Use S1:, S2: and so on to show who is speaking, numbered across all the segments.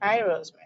S1: Hi, Rosemary.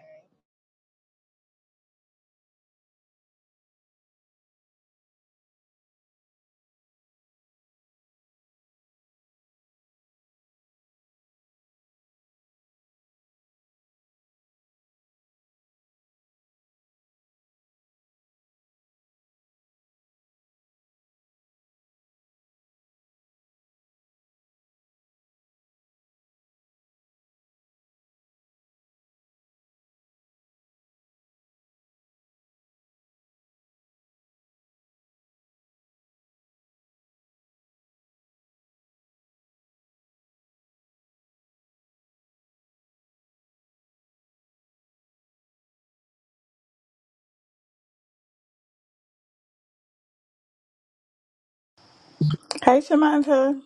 S2: Hi, Samantha.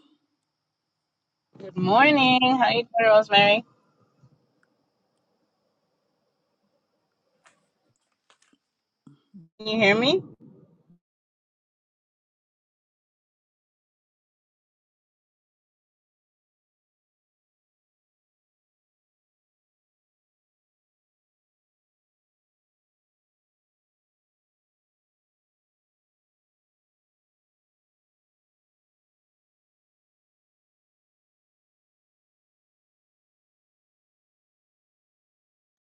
S1: Good morning. How you doing, Rosemary? Can you hear me?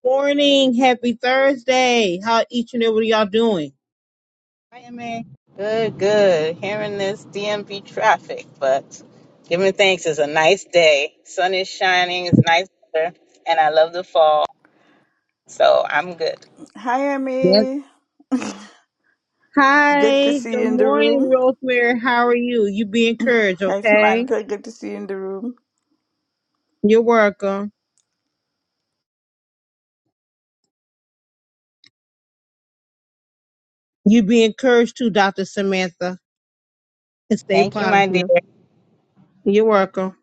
S3: Morning, happy Thursday. How each and every one of y'all doing?
S1: Hi, Emma. Good, good. Hearing this DMV traffic, but giving thanks. It's a nice day. Sun is shining. It's nice weather, and I love the fall. So I'm good.
S2: Hi,
S3: Yes.
S2: Emmy. Good to
S3: Hi,
S2: see
S3: good
S2: you in the
S3: morning,
S2: room.
S3: Rosemary. How are you? You be encouraged,
S2: Hi,
S3: okay?
S2: Samantha. Good to see you in the room.
S3: You're welcome. You be encouraged too, Dr. Samantha, and stay
S1: Thank you, my dear.
S3: positive. You're welcome.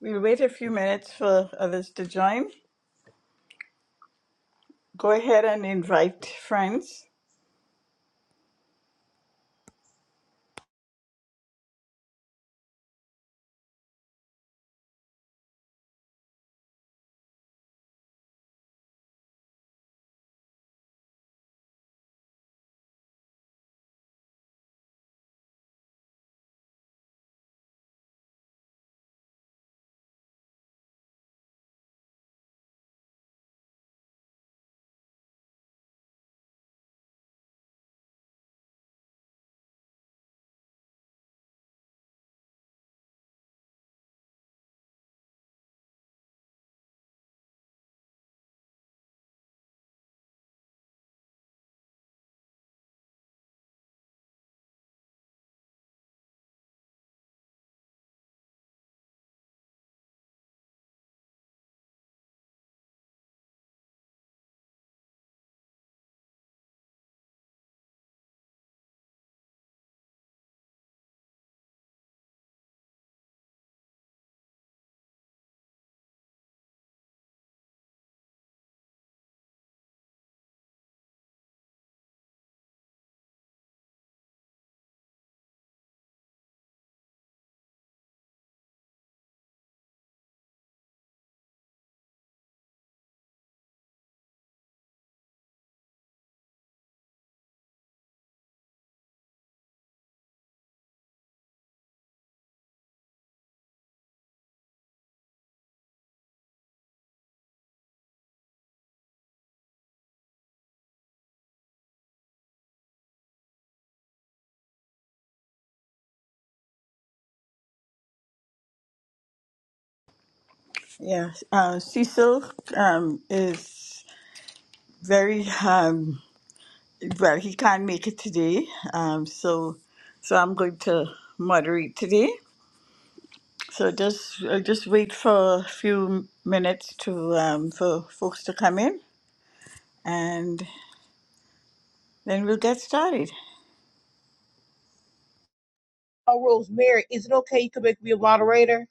S2: We'll wait a few minutes for others to join. Go ahead and invite friends. Yeah, uh, Cecil um, is very um, well. He can't make it today, um, so so I'm going to moderate today. So just uh, just wait for a few minutes to um, for folks to come in, and then we'll get started.
S3: Oh, Rosemary, is it okay you can make me a moderator?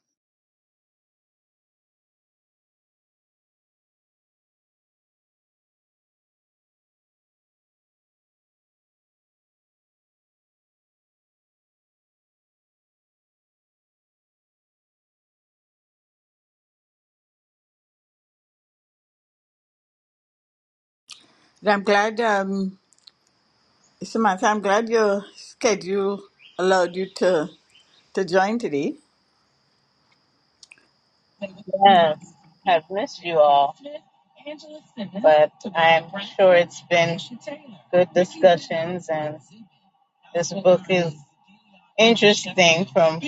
S2: I'm glad, um, Samantha, I'm glad your schedule allowed you to, to join today.
S1: Yes, I've missed you all, but I'm sure it's been good discussions, and this book is interesting from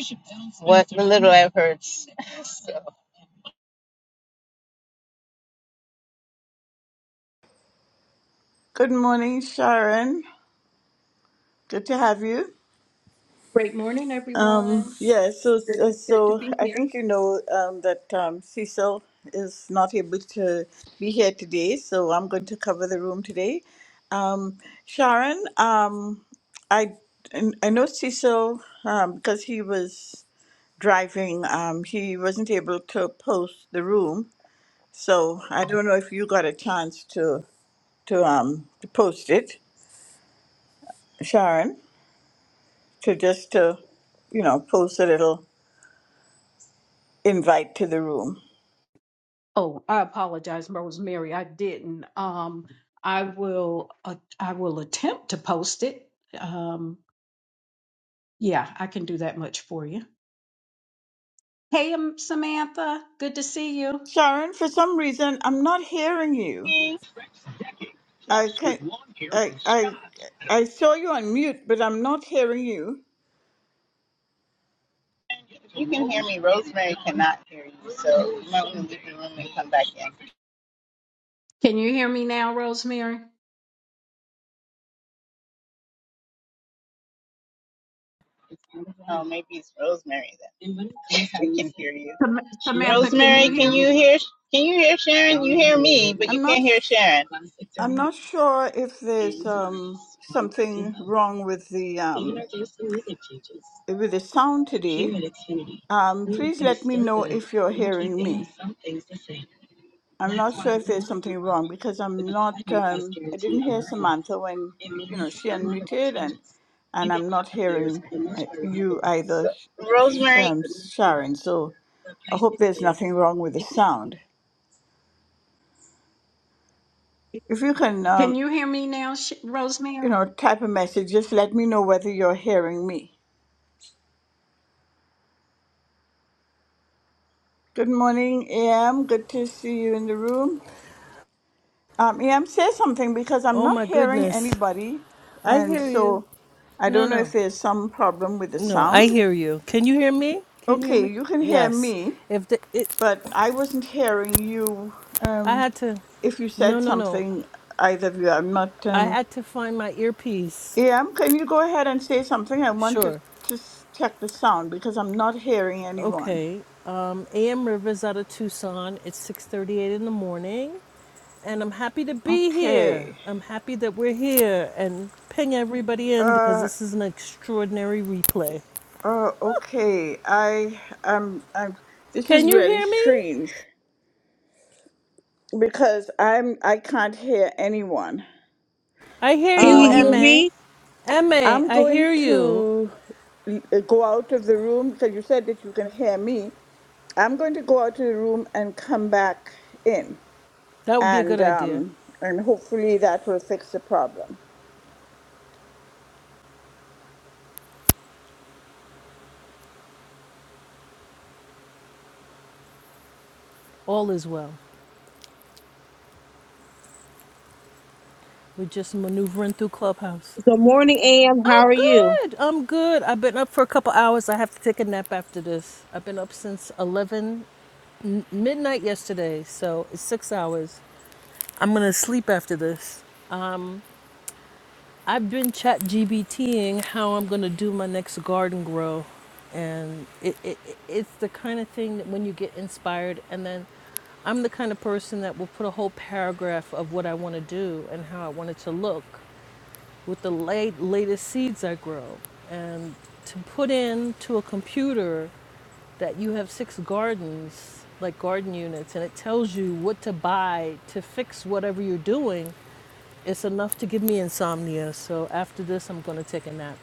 S1: what the little I've heard.
S2: Good morning, Sharon. Good to have you.
S4: Great morning,
S2: Um,
S4: everyone.
S2: yeah, so, so
S4: Good, good to
S2: so
S4: be
S2: I
S4: here.
S2: think you know um, that um, Cecil is not able to be here today, so I'm going to cover the room today. Um, Sharon, um, I, I know Cecil, um, because he was driving, um, he wasn't able to post the room. So I don't know if you got a chance to to um to post it, Sharon, to just to you know post a little invite to the room.
S4: Oh, I apologize, Rosemary. I didn't. Um, I will. Uh, I will attempt to post it. Um, yeah, I can do that much for you. Hey, um, Samantha. Good to see you.
S2: Sharon, for some reason I'm not hearing you.
S1: So.
S2: I can I I I saw you on mute, but I'm not hearing you.
S1: You can hear me. Rosemary cannot hear you, so you might want to leave the room and come back
S4: Can you hear me now, Rosemary?
S1: in. Oh, maybe it's Rosemary then. I can hear you.
S4: Sam- Samantha, can you
S1: Rosemary,
S4: hear
S1: can
S4: me?
S1: you hear? Can you hear Sharon? You hear me, but you
S2: I'm not
S1: can't hear
S2: sh-
S1: Sharon.
S2: I'm not sure if there's um something wrong with the um with the sound today. Um, please let me know if you're hearing me. I'm not sure if there's something wrong because I'm not. Um, I didn't hear Samantha when you know she unmuted, and and I'm not hearing uh, you either,
S1: So,
S2: Sh- Sh-
S1: Rosemary,
S2: um, Sharon. So I hope there's nothing wrong with the sound. If you can,
S4: Can
S2: um,
S4: you hear me now, Sh- Rosemary?
S2: you know, type a message, just let me know whether you're hearing me. Good morning, AM. Good to see you in the room. Um, AM, say something because I'm
S5: Oh
S2: not
S5: my
S2: hearing
S5: goodness.
S2: anybody,
S5: I
S2: and
S5: hear you.
S2: so I
S5: No,
S2: don't know if
S5: no.
S2: there's some problem with the
S5: No, I
S2: sound.
S5: hear you. Can you hear me? Can you hear
S2: Okay,
S5: me?
S2: you can hear
S5: Yes.
S2: me,
S5: If the it
S2: but I wasn't hearing you.
S5: I
S2: Um,
S5: had to
S2: if you
S5: No,
S2: said
S5: no, no.
S2: something, either of you, I'm not.
S5: I
S2: Um,
S5: had to find my earpiece.
S2: AM, can you go ahead and say something? I want to
S5: Sure.
S2: to check the sound because I'm not hearing anyone.
S5: Okay. Um, AM Rivers out of Tucson. It's 6:38 in the morning, and I'm happy to be here.
S2: Okay.
S5: I'm happy that we're here and ping everybody in because
S2: Uh.
S5: this is an extraordinary replay.
S2: Uh. Okay. I. Um. I'm. This
S5: Can
S2: is
S5: you
S2: really
S5: hear me?
S2: strange because I'm. I can't hear anyone.
S5: I hear
S3: Can
S5: you,
S3: you hear
S2: Um.
S5: MA.
S3: me?
S5: MA,
S2: I'm
S5: I
S2: going
S5: hear you.
S2: to l- uh, go out of the room because you said that you can hear me. I'm going to go out of the room and come back in,
S5: That would be a good
S2: and
S5: idea.
S2: um, and hopefully that will fix the problem.
S5: All is well. We're just maneuvering through Clubhouse.
S3: Good morning, AM. How
S5: I'm
S3: are you?
S5: good. I'm good. I've been up for a couple hours. I have to take a nap after this. I've been up since 11 n- midnight yesterday, so it's six hours. I'm going to sleep after this. I've been chat GBTing how I'm going to do my next garden grow. And it, it, it- it's the kind of thing that when you get inspired and then I'm the kind of person that will put a whole paragraph of what I want to do and how I want it to look with the late, latest seeds I grow. And to put in to a computer that you have six gardens, like garden units, and it tells you what to buy to fix whatever you're doing, it's enough to give me insomnia. So after this, I'm going to take a nap.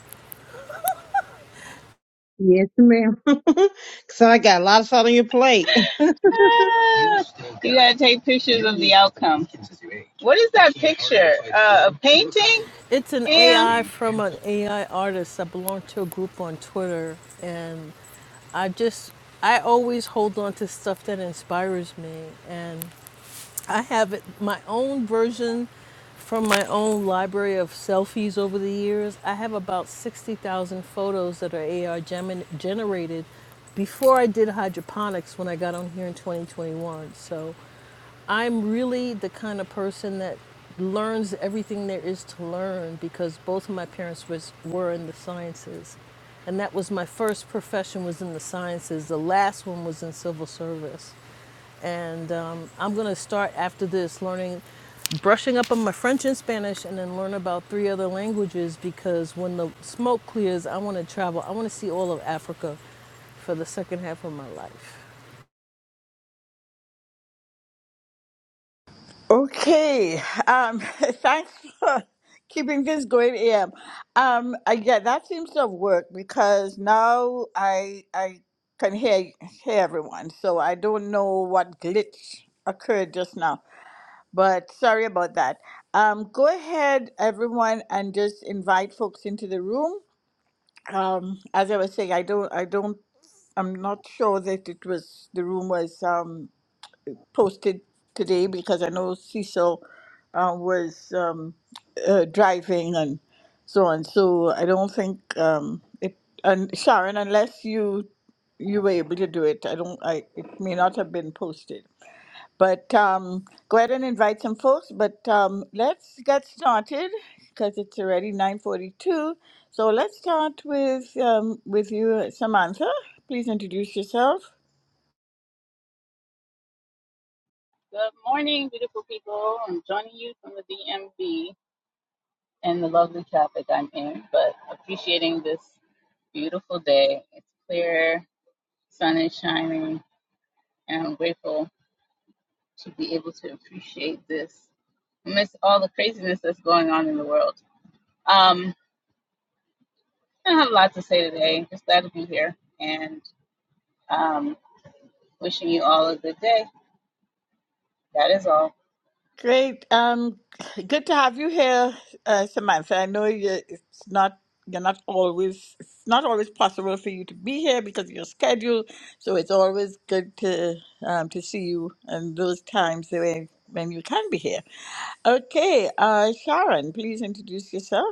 S3: Yes, ma'am. so I got a lot of stuff on your plate.
S1: ah, you gotta take pictures of the outcome. What is that picture? Uh, a painting?
S5: It's an
S1: Yeah.
S5: AI from an AI artist. I belong to a group on Twitter, and I just I always hold on to stuff that inspires me, and I have it, my own version from my own library of selfies over the years. I have about 60,000 photos that are AR gem- generated before I did hydroponics when I got on here in 2021. So I'm really the kind of person that learns everything there is to learn because both of my parents was, were in the sciences. And that was my first profession was in the sciences. The last one was in civil service and um, I'm going to start after this learning, brushing up on my French and Spanish, and then learn about three other languages because when the smoke clears, I want to travel. I want to see all of Africa for the second half of my life.
S2: Okay. Um, thanks for keeping this going, Am. Um, I, yeah, that seems to have worked because now I I can hear hear everyone, so I don't know what glitch occurred just now. but sorry about that. Um, go ahead, everyone, and just invite folks into the room. Um, as I was saying, I don't, I don't, I'm not sure that it was the room was um, posted today because I know Cecil uh, was um, uh, driving and so on. So I don't think um, it. And Sharon, unless you you were able to do it, I don't. I it may not have been posted. But um, go ahead and invite some folks. But um, let's get started because it's already 9:42. So let's start with um, with you, Samantha. Please introduce yourself.
S1: What's going on in the world. Um, I don't have a lot to say today. Just glad to be here, and Um, wishing you all a good day. That is all.
S2: Great. Um, good to have you here, uh, Samantha. I know you, it's not you're not always it's not always possible for you to be here because of your schedule. So it's always good to um, to see you and those times when when you can be here. Okay, uh, Sharon, please introduce yourself.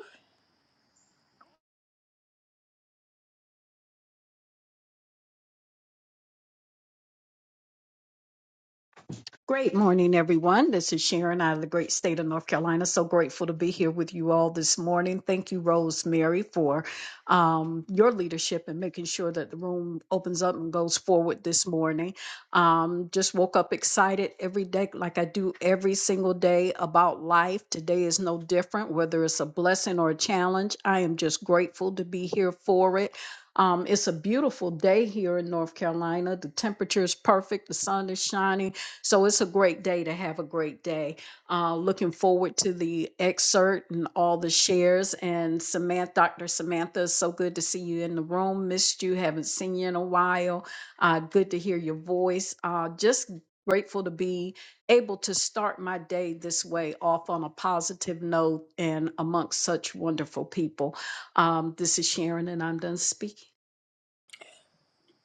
S4: Great morning, everyone. This is Sharon out of the great state of North Carolina. So grateful to be here with you all this morning. Thank you, Rosemary, for um, your leadership and making sure that the room opens up and goes forward this morning. Um, just woke up excited every day, like I do every single day about life. Today is no different, whether it's a blessing or a challenge. I am just grateful to be here for it. Um, it's a beautiful day here in North Carolina. The temperature is perfect, the sun is shining so it's a great day to have a great day. Uh, looking forward to the excerpt and all the shares. And Samantha, Dr. Samantha, it's so good to see you in the room. Missed you, haven't seen you in a while. Uh, good to hear your voice. Uh, just grateful to be able to start my day this way off on a positive note and amongst such wonderful people. Um, this is Sharon, and I'm done speaking.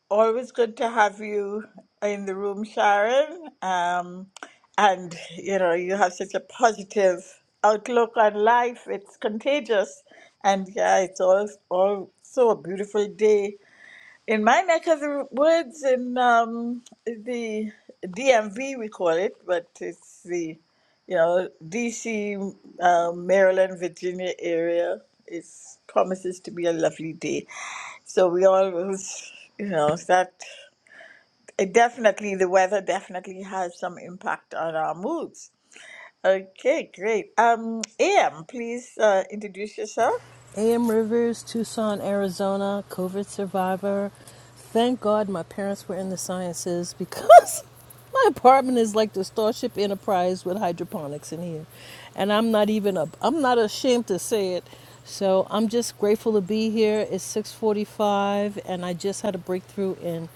S2: Always good to have you in the room, Sharon. Um, and you know, you have such a positive outlook on life. It's contagious. And yeah, it's all also a beautiful day. In my neck of the woods, in um, the DMV, we call it, but it's the you know, DC, um, Maryland, Virginia area It promises to be a lovely day. So we always, you know, that. It definitely, the weather definitely has some impact on our moods. Okay, great. Um, AM, please uh, introduce yourself.
S5: AM Rivers, Tucson, Arizona, COVID survivor. Thank God my parents were in the sciences because my apartment is like the Starship Enterprise with hydroponics in here. And I'm not even a I'm not ashamed to say it. So I'm just grateful to be here. It's 645 and I just had a breakthrough in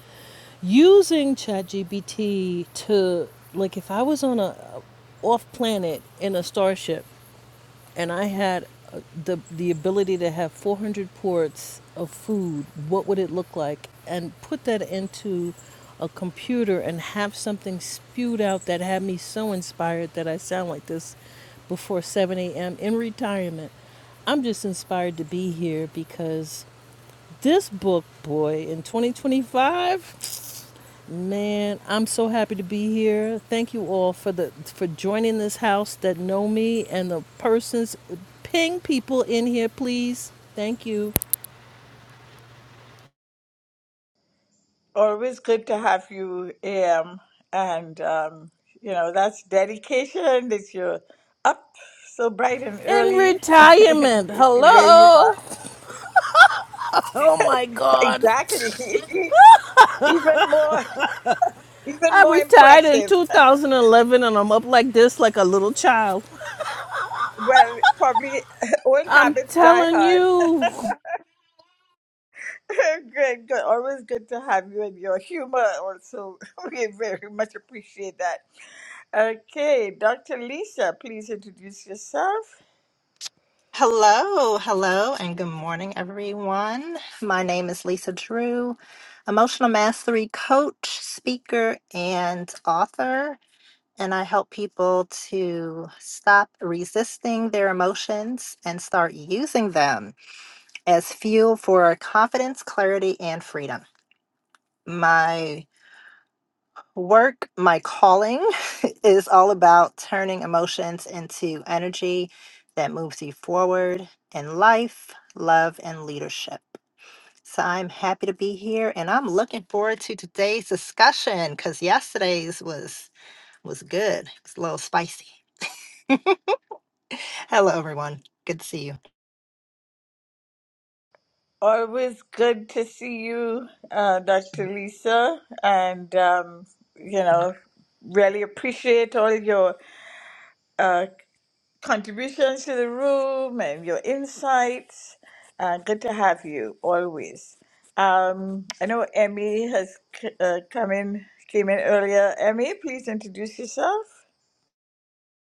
S5: using ChatGPT to like if I was on a off planet in a starship and I had uh, the the ability to have 400 ports of food, what would it look like? And put that into a computer and have something spewed out that had me so inspired that I sound like this before 7 a.m. in retirement. I'm just inspired to be here because this book, boy, in 2025. Man, I'm so happy to be here. Thank you all for the for joining this house that know me and the persons ping people in here, please. Thank you.
S2: Always good to have you, AM. And, um, you know, that's dedication that you're up so bright and
S5: In
S2: early
S5: retirement.
S2: where you are.
S5: Hello. Oh my god.
S2: Exactly. even more, even
S5: I
S2: more
S5: retired in
S2: impressive.
S5: 2011 and I'm up like this like a little child.
S2: well, probably old
S5: I'm
S2: habits die
S5: telling
S2: hard.
S5: you.
S2: good, good. Always good to have you and your humor also. We very much appreciate that. Okay, Dr. Lisa, please introduce yourself.
S6: Hello, hello, and good morning, everyone. My name is Lisa Drew, emotional mastery coach, speaker, and author. And I help people to stop resisting their emotions and start using them as fuel for confidence, clarity, and freedom. My Work, my calling, is all about turning emotions into energy that moves you forward in life, love, and leadership. So I'm happy to be here and I'm looking forward to today's discussion because yesterday's was was good. It's a little spicy. Hello everyone. Good to see you.
S2: Always good to see you, uh, Dr. Lisa, and um, you know, really appreciate all your uh, contributions to the room and your insights. Uh, good to have you always. Um, I know Emmy has c- uh, come in, came in earlier. Emmy, please introduce yourself.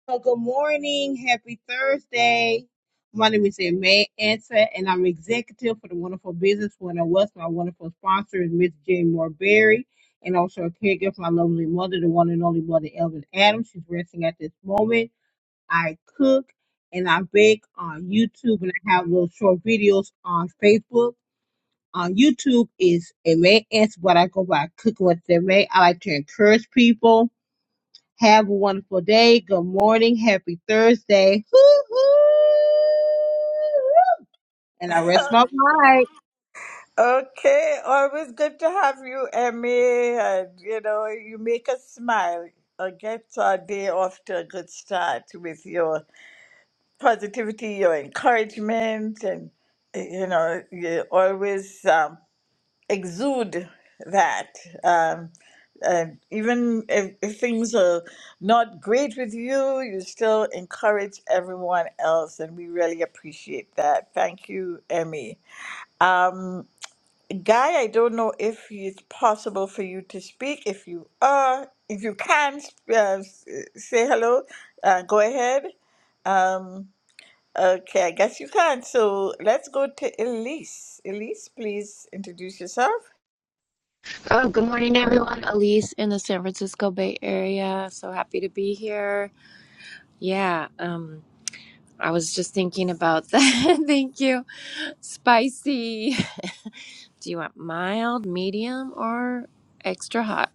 S3: So good morning. Happy Thursday. My name is May Ansa, and I'm executive for the Wonderful Business One of West. My wonderful sponsor is Miss Jane Moore Berry, and also a caregiver for my lovely mother, the one and only mother, Elvin Adams. She's resting at this moment. I cook and I bake on YouTube, and I have little short videos on Facebook. On YouTube is May Ansa, but I go by Cooking with May. I like to encourage people have a wonderful day. Good morning. Happy Thursday. Hoo-hoo. And I rest my mic.
S2: Okay, always good to have you, Emmy. And you know, you make us smile or get our day off to a good start with your positivity, your encouragement, and you know, you're always um, exude that. Um, uh, even if, if things are not great with you, you still encourage everyone else, and we really appreciate that. Thank you, Emmy. Um, Guy, I don't know if it's possible for you to speak. If you are, if you can, uh, s- say hello. Uh, go ahead. Um, okay, I guess you can. So let's go to Elise. Elise, please introduce yourself.
S7: Oh, good morning, everyone. Elise in the San Francisco Bay Area. So happy to be here. Yeah, um, I was just thinking about that. Thank you. Spicy. Do you want mild, medium, or extra hot?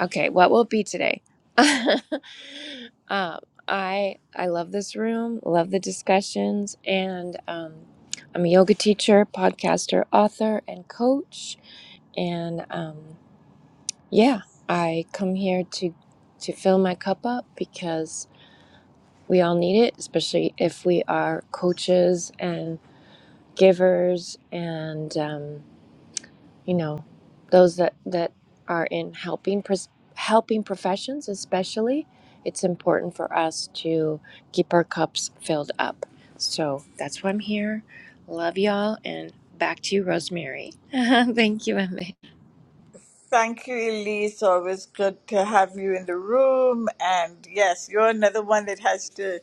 S7: Okay, what will it be today? um, I I love this room. Love the discussions, and um, I'm a yoga teacher, podcaster, author, and coach. And um, Yeah, I come here to to fill my cup up because we all need it, especially if we are coaches and givers and um, you know those that that are in helping pres- helping professions. Especially, it's important for us to keep our cups filled up. So that's why I'm here. Love y'all, and back to you, Rosemary. Thank you, Emma.
S2: Thank you, Elise. Always good to have you in the room. And yes, you're another one that has to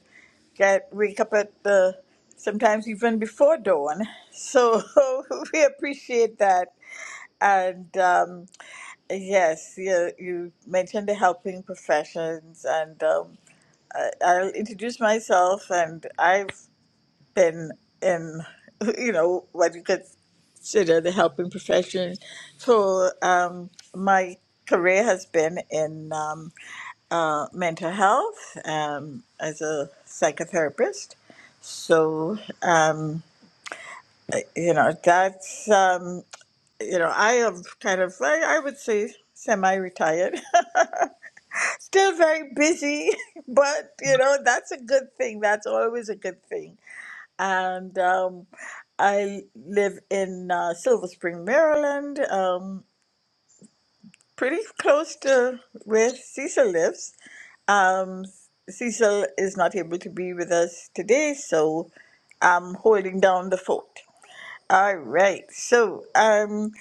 S2: get wake up at the sometimes even before dawn. So we appreciate that. And um, yes, you, you mentioned the helping professions, and um, I, I'll introduce myself. And I've and and you know what you consider the helping profession. So um, my career has been in um, uh, mental health um, as a psychotherapist. So um, I- you know that's um, you know I am kind of I, I would say semi-retired still very busy but you know that's a good thing that's always a good thing and um, I live in uh, Silver Spring, Maryland, um, pretty close to where Cecil lives. Um, Cecil is not able to be with us today, so I'm holding down the fort. All right, so um,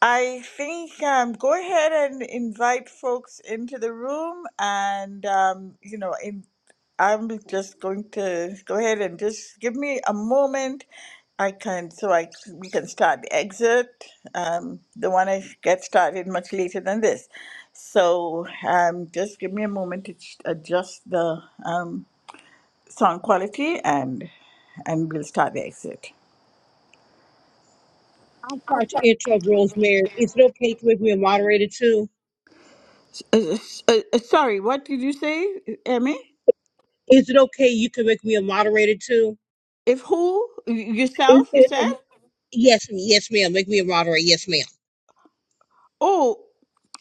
S2: I think um, go ahead and invite folks into the room, and um, you know, in, I'm just going to go ahead and just give me a moment. I can so I we can start the exit. Um, the one I get started much later than this. So um, just give me a moment to ch- adjust the um, sound quality and and we'll start the exit.
S3: I'm sorry to interrupt, Rosemary. Is it okay to make me a moderator too?
S2: Uh, uh, uh, sorry, what did you say, Emmy?
S3: Is it okay you can make me a moderator too?
S2: If who Y-
S3: Is
S2: yourself? You
S3: it,
S2: said?
S3: um, yes, yes, ma'am. Make me a moderator. Yes, ma'am.
S2: Oh,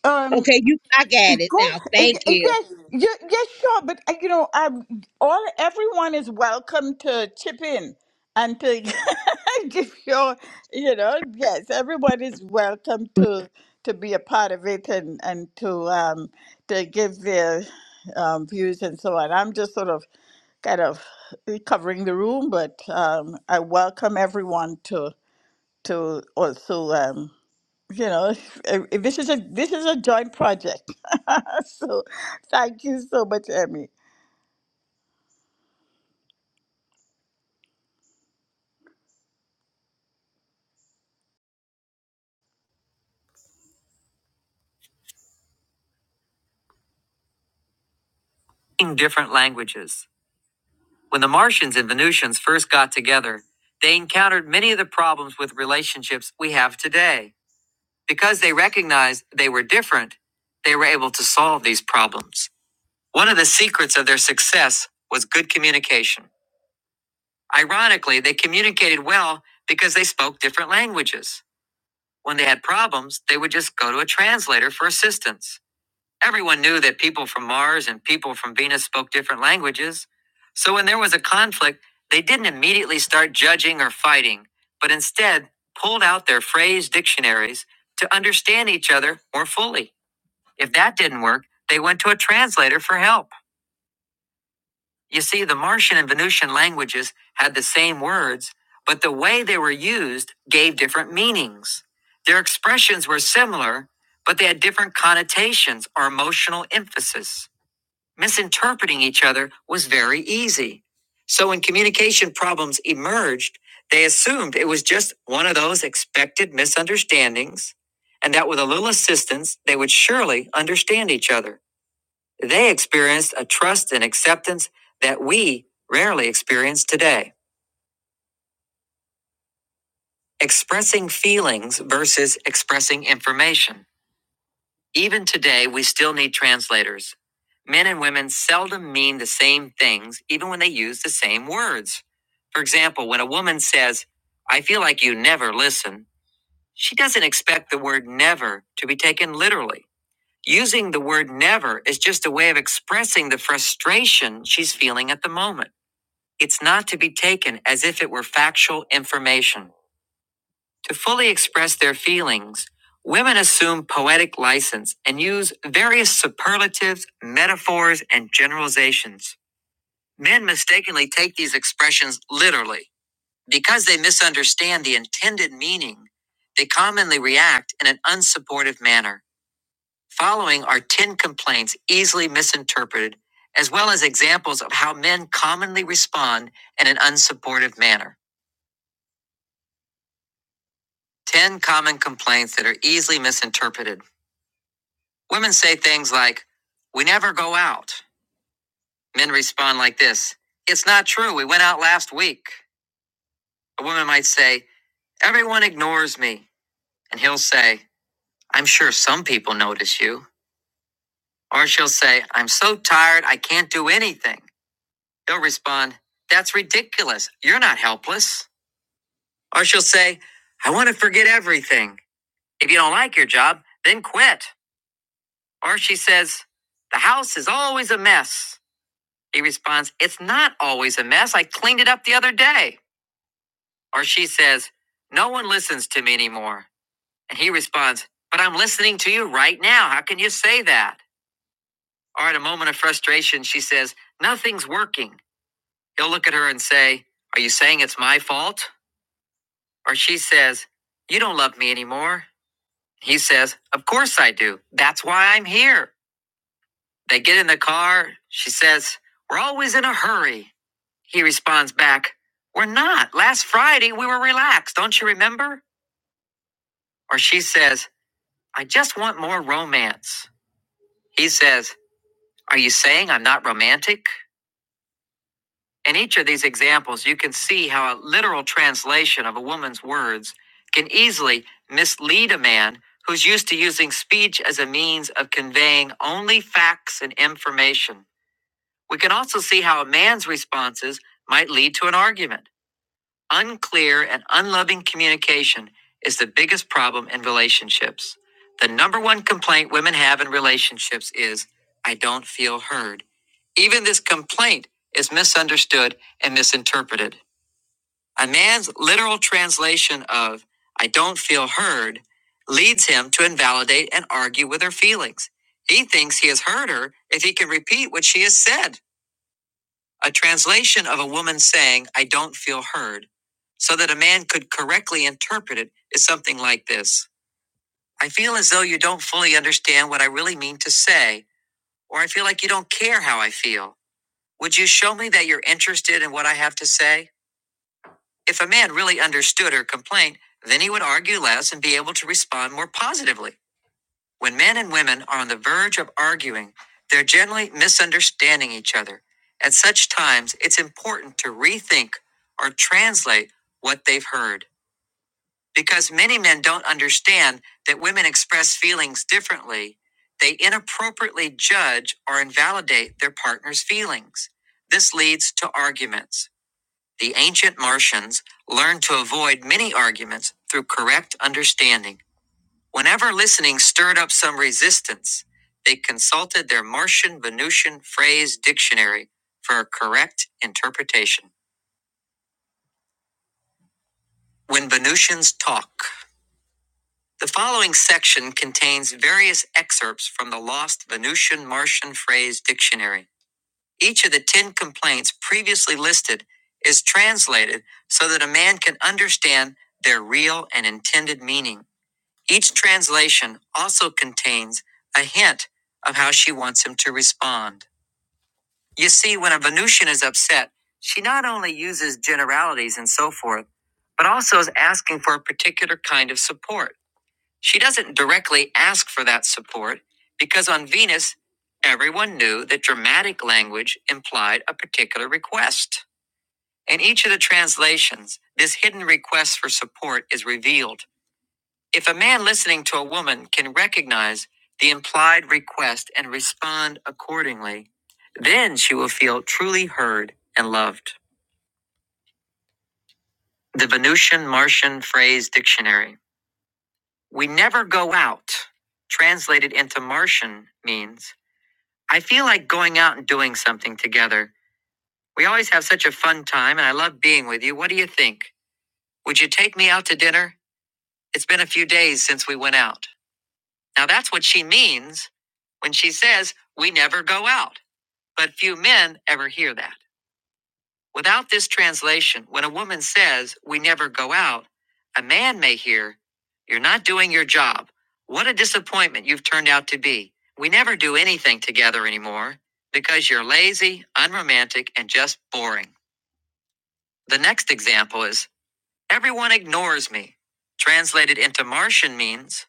S2: um.
S3: Okay, you. I got it
S2: Go
S3: now.
S2: y-
S3: Thank
S2: y-
S3: you.
S2: yes, y- yes, sure. But uh, you know, um, all everyone is welcome to chip in and to give your, you know, yes, everyone is welcome to to be a part of it and and to um to give their um, views and so on. I'm just sort of kind of covering the room, but um, I welcome everyone to to also. Um, you know eh, eh, this is a this is a joint project so thank you so much emmy in different languages when the martians and venusians first got together they encountered many of the problems with relationships we have today because they recognized they were different they were able to solve these problems one of the secrets of their success was good communication ironically they communicated well because they spoke different languages When they had problems, they would just go to a translator for assistance. Everyone knew that people from Mars and people from Venus spoke different languages. So when there was a conflict, they didn't immediately start judging or fighting, but instead pulled out their phrase dictionaries to understand each other more fully. If that didn't work, they went to a translator for help. You see, the Martian and Venusian languages had the same words, but the way they were used gave different meanings. Their expressions were similar, but they had different connotations or emotional emphasis. Misinterpreting each other was very easy. So when communication problems emerged, they assumed it was just one of those expected misunderstandings, and that with a little assistance, they would surely understand each other. They experienced a trust and acceptance that we rarely experience today. Expressing feelings versus expressing information. Even today, we still need translators. Men and women seldom mean the same things, even when they use the same words. For example, when a woman says, I feel like you never listen, she doesn't expect the word never to be taken literally. Using the word never is just a way of expressing the frustration she's feeling at the moment. It's not to be taken as if it were factual information. To fully express their feelings, women assume poetic license and use various superlatives, metaphors, and generalizations. Men mistakenly take these expressions literally. Because they misunderstand the intended meaning, they commonly react in an unsupportive manner. Following are 10 complaints easily misinterpreted, as well as examples of how men commonly respond in an unsupportive manner. 10 common complaints that are easily misinterpreted. Women say things like, We never go out. Men respond like this It's not true. We went out last week. A woman might say, Everyone ignores me. And he'll say, I'm sure some people notice you. Or she'll say, I'm so tired, I can't do anything. He'll respond, That's ridiculous. You're not helpless. Or she'll say, I want to forget everything. If you don't like your job, then quit. Or she says, The house is always a mess. He responds, It's not always a mess. I cleaned it up the other day. Or she says, No one listens to me anymore. And he responds, But I'm listening to you right now. How can you say that? Or at a moment of frustration, she says, Nothing's working. He'll look at her and say, Are you saying it's my fault? Or she says, You don't love me anymore. He says, Of course I do. That's why I'm here. They get in the car. She says, We're always in a hurry. He responds back, We're not. Last Friday, we were relaxed. Don't you remember? Or she says, I just want more romance. He says, Are you saying I'm not romantic? In each of these examples, you can see how a literal translation of a woman's words can easily mislead a man who's used to using speech as a means of conveying only facts and information. We can also see how a man's responses might lead to an argument. Unclear and unloving communication is the biggest problem in relationships. The number one complaint women have in relationships is, I don't feel heard. Even this complaint is misunderstood and misinterpreted. A man's literal translation of, I don't feel heard, leads him to invalidate and argue with her feelings. He thinks he has heard her if he can repeat what she has said a translation of a woman saying, I don't feel heard, so that a man could correctly interpret it is something like this I feel as though you don't fully understand what I really mean to say, or I feel like you don't care how I feel. Would you show me that you're interested in what I have to say? If a man really understood her complaint, then he would argue less and be able to respond more positively. When men and women are on the verge of arguing, they're generally misunderstanding each other. At such times, it's important to rethink or translate what they've heard. Because many men don't understand that women express feelings differently, they inappropriately judge or invalidate their partner's feelings. This leads to arguments. The ancient Martians learned to avoid many arguments through correct understanding Whenever listening stirred up some resistance, they consulted their Martian Venusian phrase dictionary for a correct interpretation. When Venusians talk, the following section contains various excerpts from the lost Venusian Martian phrase dictionary. Each of the 10 complaints previously listed is translated so that a man can understand their real and intended meaning. Each translation also contains a hint of how she wants him to respond. You see, when a Venusian is upset, she not only uses generalities and so forth, but also is asking for a particular kind of support. She doesn't directly ask for that support because on Venus, everyone knew that dramatic language implied a particular request. In each of the translations, this hidden request for support is revealed. If a man listening to a woman can recognize the implied request and respond accordingly, then she will feel truly heard and loved. The Venusian Martian Phrase Dictionary. We never go out, translated into Martian, means I feel like going out and doing something together. We always have such a fun time, and I love being with you. What do you think? Would you take me out to dinner? It's been a few days since we went out. Now that's what she means when she says, We never go out. But few men ever hear that. Without this translation, when a woman says, We never go out, a man may hear, You're not doing your job. What a disappointment you've turned out to be. We never do anything together anymore because you're lazy, unromantic, and just boring. The next example is, Everyone ignores me. Translated into Martian means,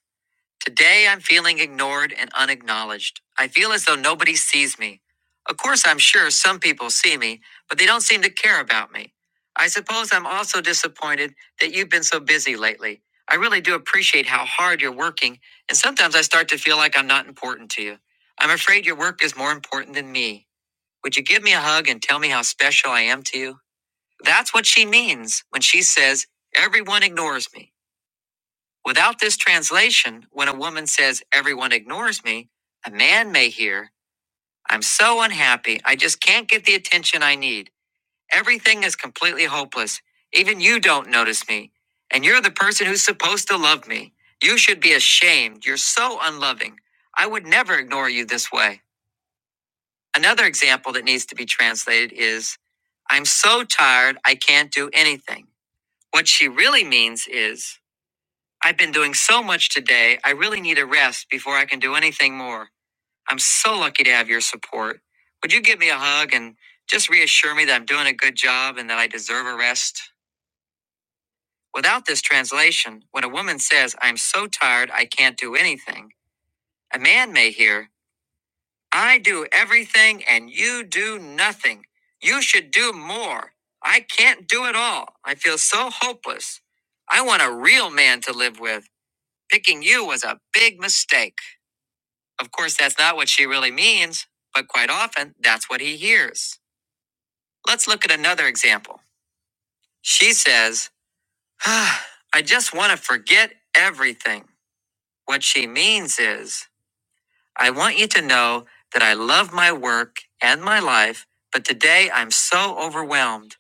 S2: Today I'm feeling ignored and unacknowledged. I feel as though nobody sees me. Of course, I'm sure some people see me, but they don't seem to care about me. I suppose I'm also disappointed that you've been so busy lately. I really do appreciate how hard you're working, and sometimes I start to feel like I'm not important to you. I'm afraid your work is more important than me. Would you give me a hug and tell me how special I am to you? That's what she means when she says, everyone ignores me. Without this translation, when a woman says, Everyone ignores me, a man may hear, I'm so unhappy, I just can't get the attention I need. Everything is completely hopeless. Even you don't notice me. And you're the person who's supposed to love me. You should be ashamed. You're so unloving. I would never ignore you this way. Another example that needs to be translated is, I'm so tired, I can't do anything. What she really means is, I've been doing so much today, I really need a rest before I can do anything more. I'm so lucky to have your support. Would you give me a hug and just reassure me that I'm doing a good job and that I deserve a rest? Without this translation, when a woman says, I'm so tired I can't do anything, a man may hear, I do everything and you do nothing. You should do more. I can't do it all. I feel so hopeless. I want a real man to live with. Picking you was a big mistake. Of course, that's not what she really means, but quite often that's what he hears. Let's look at another example. She says, "Ah, I just want to forget everything. What she means is, I want you to know that I love my work and my life, but today I'm so overwhelmed.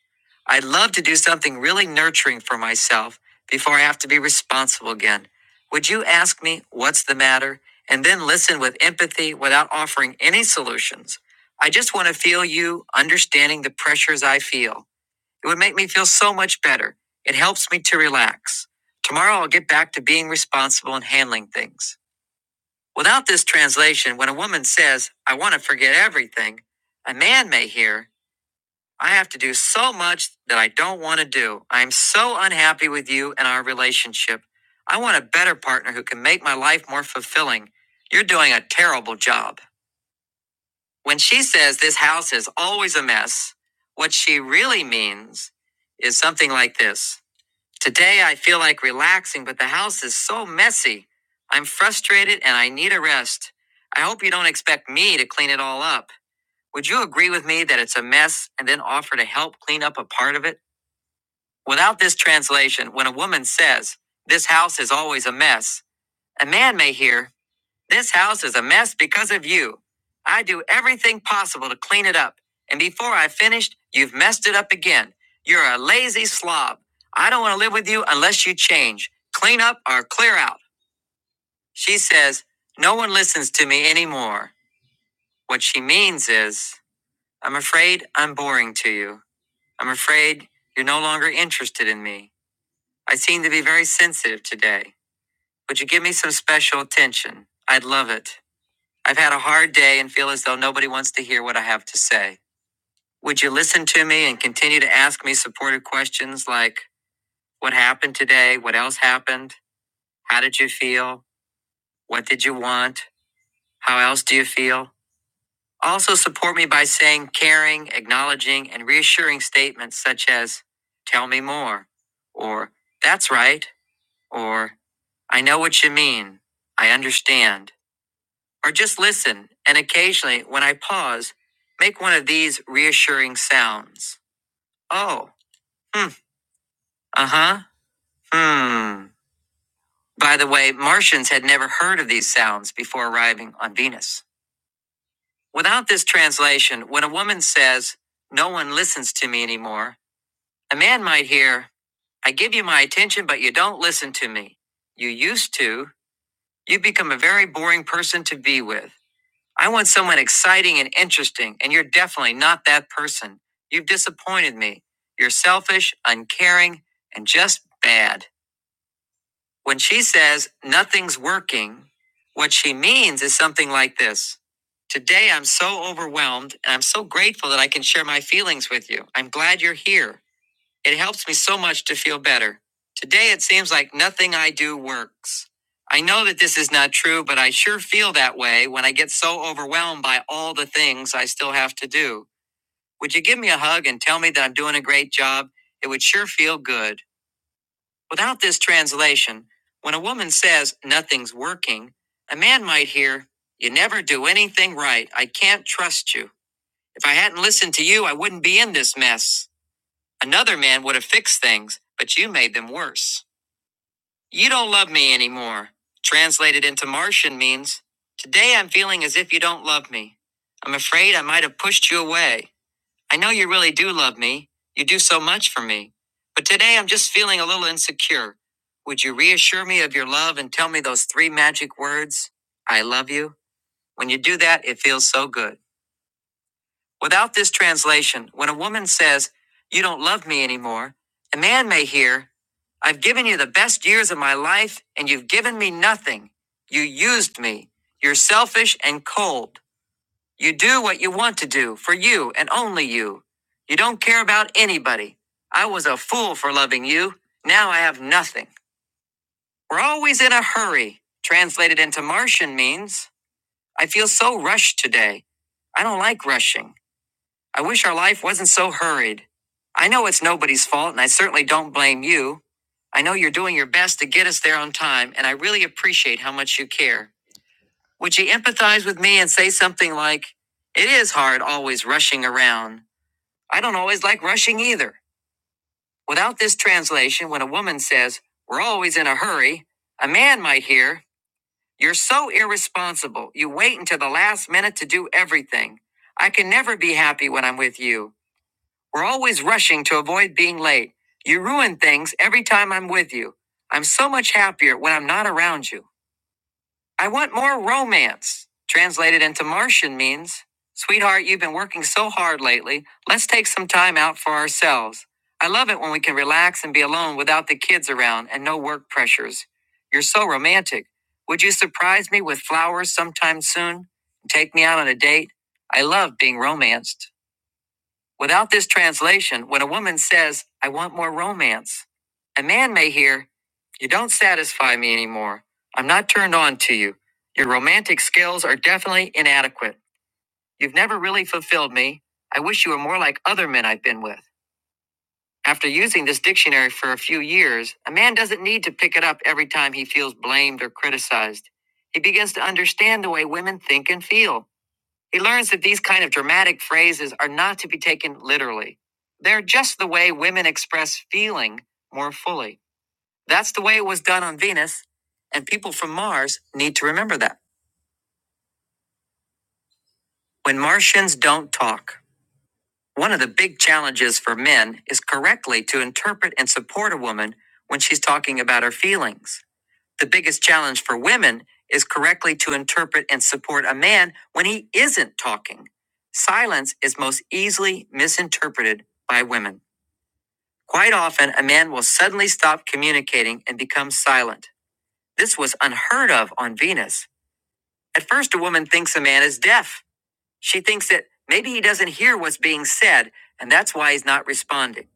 S2: I'd love to do something really nurturing for myself before I have to be responsible again. Would you ask me what's the matter and then listen with empathy without offering any solutions? I just want to feel you understanding the pressures I feel. It would make me feel so much better. It helps me to relax. Tomorrow I'll get back to being responsible and handling things. Without this translation, when a woman says, I want to forget everything, a man may hear, I have to do so much that I don't want to do. I am so unhappy with you and our relationship. I want a better partner who can make my life more fulfilling. You're doing a terrible job. When she says this house is always a mess, what she really means is something like this Today I feel like relaxing, but the house is so messy. I'm frustrated and I need a rest. I hope you don't expect me to clean it all up. Would you agree with me that it's a mess and then offer to help clean up a part of it? Without this translation, when a woman says, This house is always a mess, a man may hear, this house is a mess because of you. I do everything possible to clean it up. And before I finished, you've messed it up again. You're a lazy slob. I don't want to live with you unless you change. Clean up or clear out. She says, No one listens to me anymore. What she means is, I'm afraid I'm boring to you. I'm afraid you're no longer interested in me. I seem to be very sensitive today. Would you give me some special attention? I'd love it. I've had a hard day and feel as though nobody wants to hear what I have to say. Would you listen to me and continue to ask me supportive questions like what happened today? What else happened? How did you feel? What did you want? How else do you feel? Also, support me by saying caring, acknowledging, and reassuring statements such as, Tell me more, or That's right, or I know what you mean, I understand. or just listen and occasionally, when I pause, make one of these reassuring sounds. Oh, hmm, uh huh, hmm. By the way, Martians had never heard of these sounds before arriving on Venus. Without this translation, when a woman says, No one listens to me anymore, a man might hear, I give you my attention, but you don't listen to me. You used to. You become a very boring person to be with. I want someone exciting and interesting, and you're definitely not that person. You've disappointed me. You're selfish, uncaring, and just bad. When she says nothing's working, what she means is something like this Today I'm so overwhelmed, and I'm so grateful that I can share my feelings with you. I'm glad you're here. It helps me so much to feel better. Today it seems like nothing I do works. I know that this is not true, but I sure feel that way when I get so overwhelmed by all the things I still have to do. Would you give me a hug and tell me that I'm doing a great job? It would sure feel good. Without this translation, when a woman says nothing's working, a man might hear, You never do anything right. I can't trust you. If I hadn't listened to you, I wouldn't be in this mess. Another man would have fixed things, but you made them worse. You don't love me anymore. Translated into Martian means, Today I'm feeling as if you don't love me. I'm afraid I might have pushed you away. I know you really do love me. You do so much for me. But today I'm just feeling a little insecure. Would you reassure me of your love and tell me those three magic words? I love you. When you do that, it feels so good. Without this translation, when a woman says, You don't love me anymore, a man may hear, I've given you the best years of my life, and you've given me nothing. You used me. You're selfish and cold. You do what you want to do for you and only you. You don't care about anybody. I was a fool for loving you. Now I have nothing. We're always in a hurry. Translated into Martian means, I feel so rushed today. I don't like rushing. I wish our life wasn't so hurried. I know it's nobody's fault, and I certainly don't blame you. I know you're doing your best to get us there on time, and I really appreciate how much you care. Would you empathize with me and say something like, It is hard always rushing around. I don't always like rushing either. Without this translation, when a woman says, We're always in a hurry, a man might hear, You're so irresponsible. You wait until the last minute to do everything. I can never be happy when I'm with you. We're always rushing to avoid being late. You ruin things every time I'm with you. I'm so much happier when I'm not around you. I want more romance. Translated into Martian means, Sweetheart, you've been working so hard lately. Let's take some time out for ourselves. I love it when we can relax and be alone without the kids around and no work pressures. You're so romantic. Would you surprise me with flowers sometime soon? Take me out on a date? I love being romanced. Without this translation, when a woman says, I want more romance, a man may hear, You don't satisfy me anymore. I'm not turned on to you. Your romantic skills are definitely inadequate. You've never really fulfilled me. I wish you were more like other men I've been with. After using this dictionary for a few years, a man doesn't need to pick it up every time he feels blamed or criticized. He begins to understand the way women think and feel. He learns that these kind of dramatic phrases are not to be taken literally. They're just the way women express feeling more fully. That's the way it was done on Venus, and people from Mars need to remember that. When Martians don't talk, one of the big challenges for men is correctly to interpret and support a woman when she's talking about her feelings. The biggest challenge for women is correctly to interpret and support a man when he isn't talking. Silence is most easily misinterpreted by women. Quite often, a man will suddenly stop communicating and become silent. This was unheard of on Venus. At first, a woman thinks a man is deaf. She thinks that maybe he doesn't hear what's being said, and that's why he's not responding.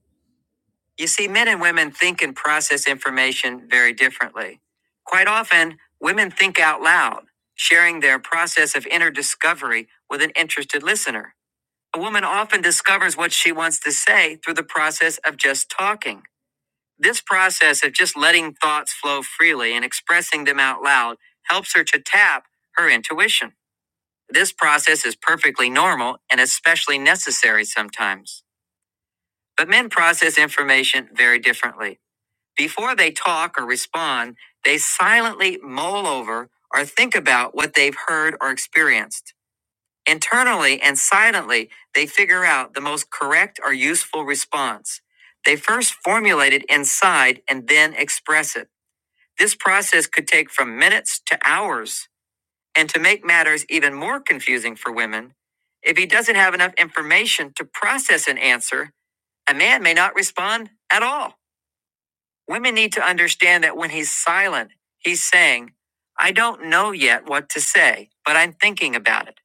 S2: You see, men and women think and process information very differently. Quite often, women think out loud, sharing their process of inner discovery with an interested listener. A woman often discovers what she wants to say through the process of just talking. This process of just letting thoughts flow freely and expressing them out loud helps her to tap her intuition. This process is perfectly normal and especially necessary sometimes. But men process information very differently. Before they talk or respond, they silently mull over or think about what they've heard or experienced. Internally and silently, they figure out the most correct or useful response. They first formulate it inside and then express it. This process could take from minutes to hours. And to make matters even more confusing for women, if he doesn't have enough information to process an answer, a man may not respond at all. Women need to understand that when he's silent, he's saying, I don't know yet what to say, but I'm thinking about it.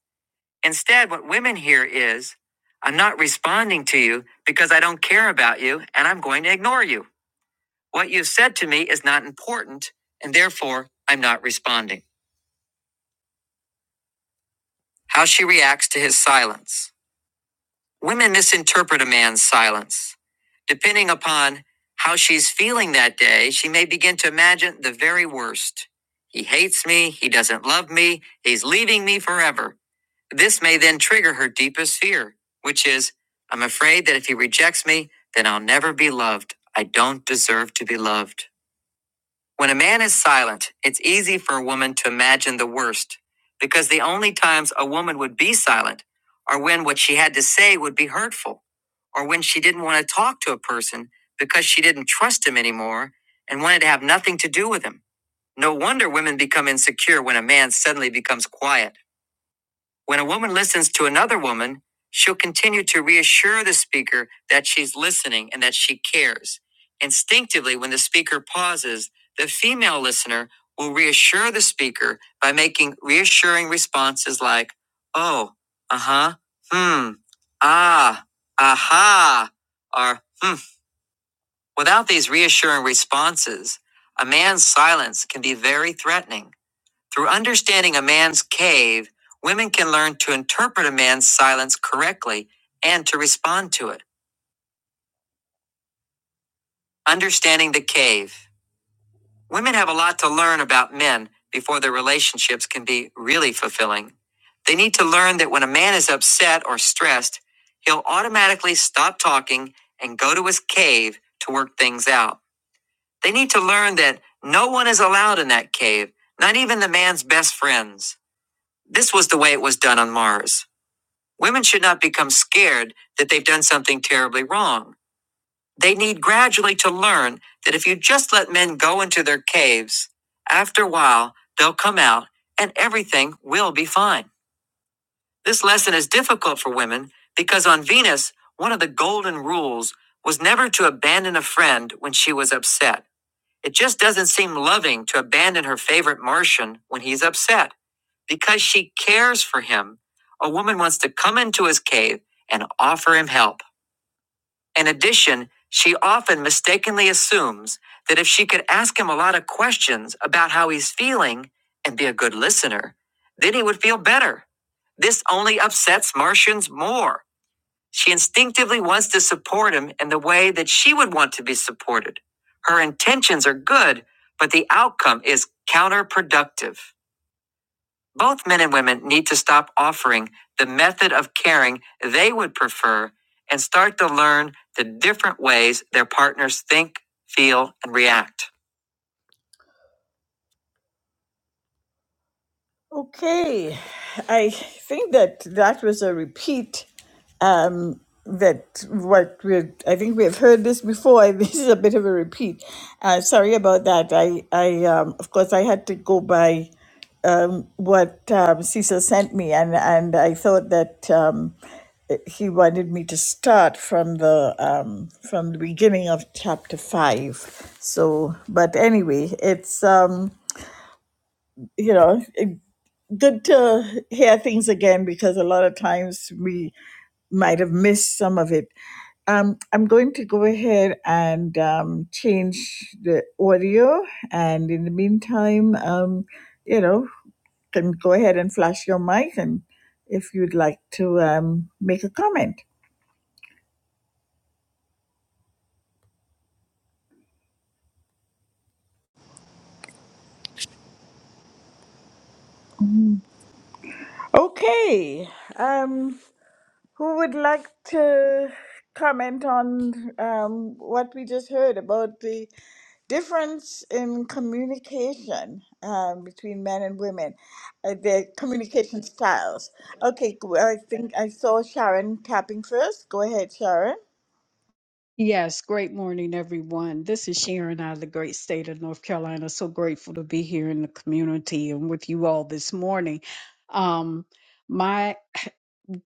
S2: Instead, what women hear is, I'm not responding to you because I don't care about you and I'm going to ignore you. What you've said to me is not important and therefore I'm not responding. How she reacts to his silence. Women misinterpret a man's silence. Depending upon how she's feeling that day, she may begin to imagine the very worst. He hates me. He doesn't love me. He's leaving me forever. This may then trigger her deepest fear, which is I'm afraid that if he rejects me, then I'll never be loved. I don't deserve to be loved. When a man is silent, it's easy for a woman to imagine the worst, because the only times a woman would be silent are when what she had to say would be hurtful, or when she didn't want to talk to a person because she didn't trust him anymore and wanted to have nothing to do with him. No wonder women become insecure when a man suddenly becomes quiet. When a woman listens to another woman, she'll continue to reassure the speaker that she's listening and that she cares. Instinctively, when the speaker pauses, the female listener will reassure the speaker by making reassuring responses like, oh, uh huh, hmm, ah, aha, or hmm. Without these reassuring responses, a man's silence can be very threatening. Through understanding a man's cave, women can learn to interpret a man's silence correctly and to respond to it. Understanding the cave. Women have a lot to learn about men before their relationships can be really fulfilling. They need to learn that when a man is upset or stressed, he'll automatically stop talking and go to his cave to work things out. They need to learn that no one is allowed in that cave, not even the man's best friends. This was the way it was done on Mars. Women should not become scared that they've done something terribly wrong. They need gradually to learn that if you just let men go into their caves, after a while, they'll come out and everything will be fine. This lesson is difficult for women because on Venus, one of the golden rules was never to abandon a friend when she was upset. It just doesn't seem loving to abandon her favorite Martian when he's upset. Because she cares for him, a woman wants to come into his cave and offer him help. In addition, she often mistakenly assumes that if she could ask him a lot of questions about how he's feeling and be a good listener, then he would feel better. This only upsets Martians more. She instinctively wants to support him in the way that she would want to be supported. Her intentions are good, but the outcome is counterproductive. Both men and women need to stop offering the method of caring they would prefer and start to learn the different ways their partners think, feel, and react. Okay, I think that that was a repeat that what we're i think we have heard this before this is a bit of a repeat uh, sorry about that i i um, of course i had to go by what um, cecil sent me and and i thought that um, he wanted me to start from the um, from the beginning of chapter five so but anyway it's um, you know it- good to hear things again because a lot of times we might have missed some of it um, I'm going to go ahead and um, change the audio. And in the meantime, um, you know, can go ahead and flash your mic and if you'd like to um, make a comment. Okay. Um, who would like to comment on um, what we just heard about the difference in communication um, between men and women, uh, their communication styles. Okay, go- I think I saw Sharon tapping first. Go ahead, Sharon.
S4: Yes, great morning, everyone. This is Sharon out of the great state of North Carolina. So grateful to be here in the community and with you all this morning. Um, my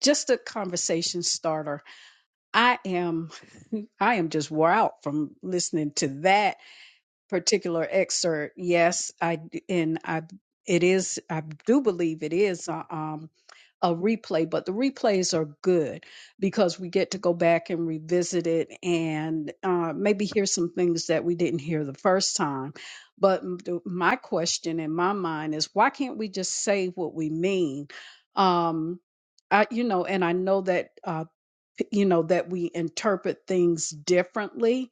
S4: just a conversation starter. I am I am just wore out from listening to that particular excerpt. Yes, I d- and I it is I do believe it is a, um a replay, but the replays are good because we get to go back and revisit it and uh, maybe hear some things that we didn't hear the first time. But m- the- my question in my mind is why can't we just say what we mean? Um, I, you know, and I know that, uh, p- you know, that we interpret things differently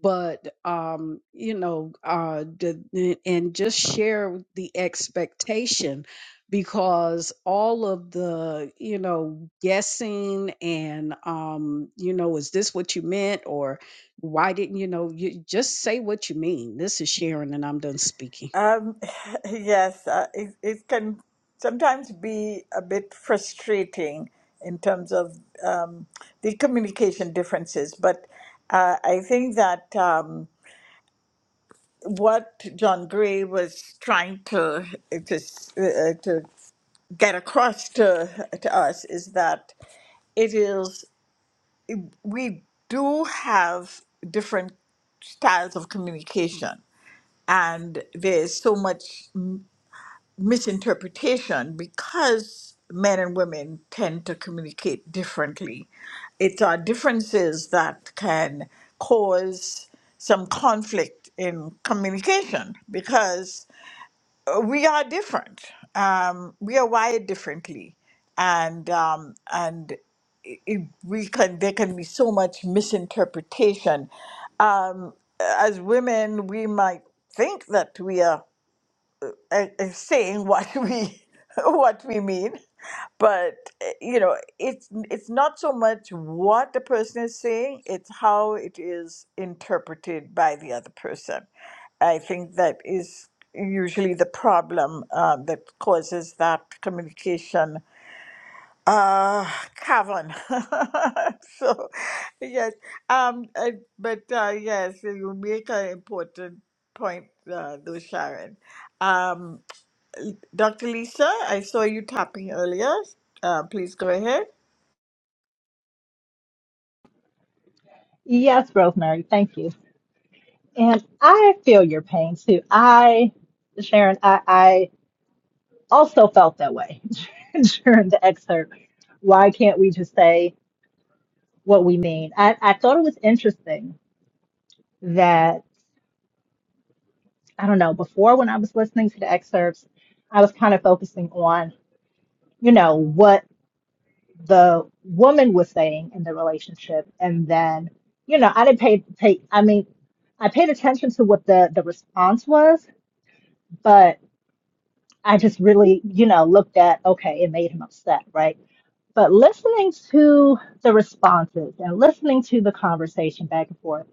S4: but um you know uh the, and just share the expectation because all of the you know guessing and um you know is this what you meant or why didn't you know you just say what you mean this is sharon and i'm done speaking
S2: Um, yes, uh, it, it can sometimes be a bit frustrating in terms of um, the communication differences, but uh, I think that um, what John Gray was trying to to, uh, uh, to get across to, to us is that it is we do have different styles of communication and there's so much m- misinterpretation because men and women tend to communicate differently it's our differences that can cause some conflict in communication because uh, we are different. Um, we are wired differently, and um, and it, it- we can there can be so much misinterpretation. Um, as women, we might think that we are uh, uh, saying what we what we mean but uh, you know it's it's not so much what the person is saying it's how it is interpreted by the other person i think that is usually the problem uh, that causes that communication uh cavern so yes um uh, but uh yes you make an important point uh, though sharon Um, Dr. Lisa, I saw you tapping earlier. Uh, please go ahead.
S6: Yes, Rosemary, thank you. And I feel your pain too. I, Sharon, I, I also felt that way during the excerpt. why can't we just say what we mean? I, I thought it was interesting that, I don't know, before when I was listening to the excerpts, I was kind of focusing on, you know, what the woman was saying in the relationship. And then, you know, I didn't pay, pay I mean, I paid attention to what the, the response was, but I just really, you know, looked at, okay, it made him upset, right? But listening to the responses and listening to the conversation back and forth,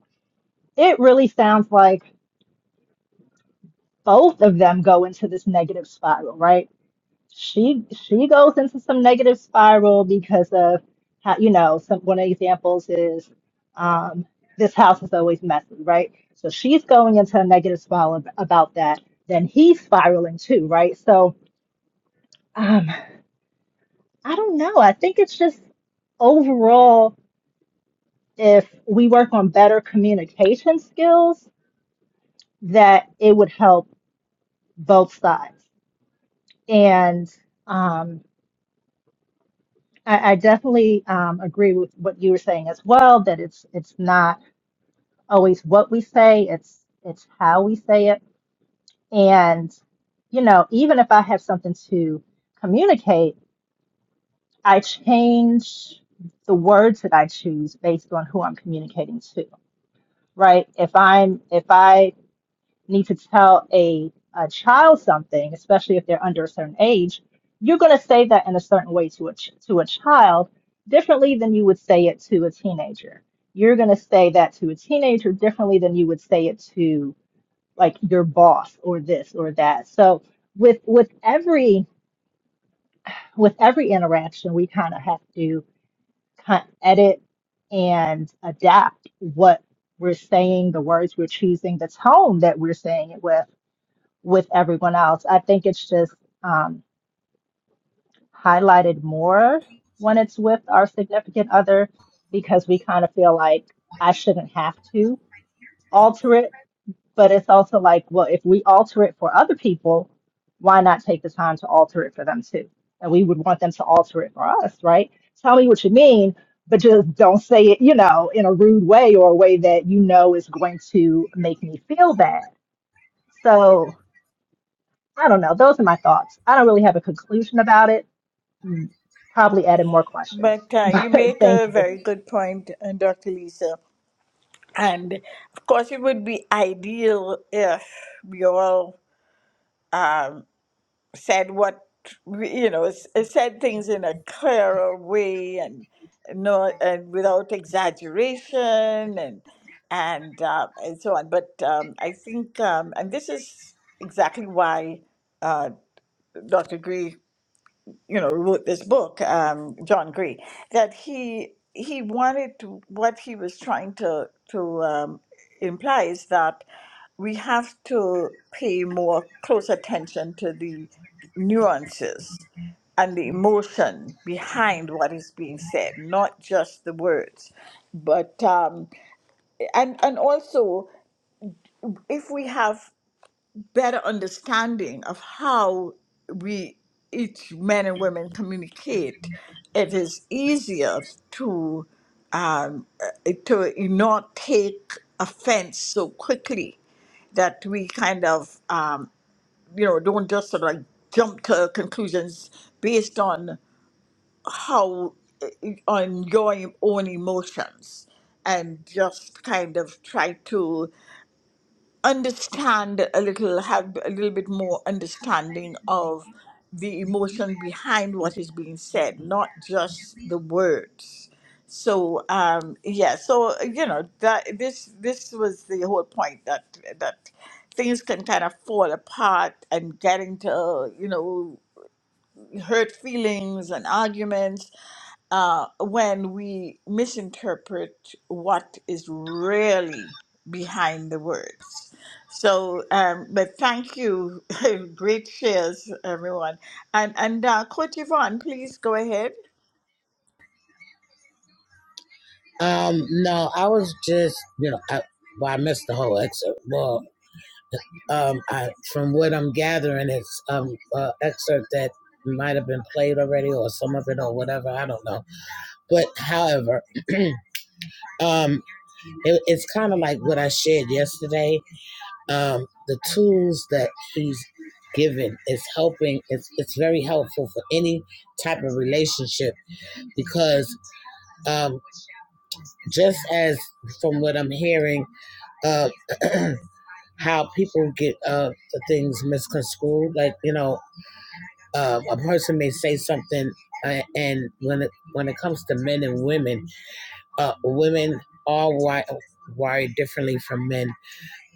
S6: it really sounds like both of them go into this negative spiral, right? She she goes into some negative spiral because of how you know some one of the examples is um, this house is always messy, right? So she's going into a negative spiral ab- about that. Then he's spiraling too, right? So um, I don't know. I think it's just overall, if we work on better communication skills, that it would help both sides. And um, I, I definitely um, agree with what you were saying as well, that it's it's not always what we say, it's it's how we say it. And, you know, even if I have something to communicate, I change the words that I choose based on who I'm communicating to, right? If I'm if I need to tell a, a child something, especially if they're under a certain age, you're going to say that in a certain way to a, ch- to a child differently than you would say it to a teenager. You're going to say that to a teenager differently than you would say it to like your boss or this or that. So with with every with every interaction, we kind of have to kind of edit and adapt what we're saying, the words we're choosing, the tone that we're saying it with with everyone else. I think it's just um, highlighted more when it's with our significant other because we kind of feel like I shouldn't have to alter it. But it's also like, well, if we alter it for other people, why not take the time to alter it for them too? And we would want them to alter it for us, right? Tell me what you mean, but just don't say it, you know, in a rude way or a way that you know is going to make me feel bad. So I don't know. Those are my thoughts. I don't really have a conclusion about it. Mm, Probably added more questions.
S2: But uh, you
S6: But
S2: make
S6: thank
S2: a
S6: you.
S2: very good point, uh, Dr. Lisa. And of course, it would be ideal if we all um, said what, we- you know, s- uh, said things in a clearer way and no, and without exaggeration and and uh, and so on. But um, I think, um, and this is exactly why uh, Dr. Gray you know, wrote this book, um, John Gray, that he he wanted to what he was trying to to um, imply is that we have to pay more close attention to the nuances and the emotion behind what is being said, not just the words. But um, and and also, if we have better understanding of how we each men and women communicate, it is easier to um, uh, to not take offense so quickly that we kind of um, you know don't just sort of like jump to conclusions based on how eh, on your own emotions and just kind of try to understand a little, have a little bit more understanding of the emotion behind what is being said, not just the words. So um, yeah, so you know that this this was the whole point that that things can kind of fall apart and get into you know hurt feelings and arguments uh, when we misinterpret what is really behind the words. So, um, but thank you. Great shares, everyone. And, and uh, Coach Yvonne, please go ahead.
S8: Um, no, I was just, you know, I, well, I missed the whole excerpt. Well, um, I, from what I'm gathering, it's um uh, excerpt that might have been played already, or some of it, or whatever. I don't know. But however, um, it, it's kind of like what I shared yesterday. Um, the tools that he's given is helping. It's it's very helpful for any type of relationship because um, just as from what I'm hearing. Uh, how people get uh, the things misconstrued. Like you know, uh, a person may say something, uh, and when it when it comes to men and women, uh, women are wired, wired differently from men.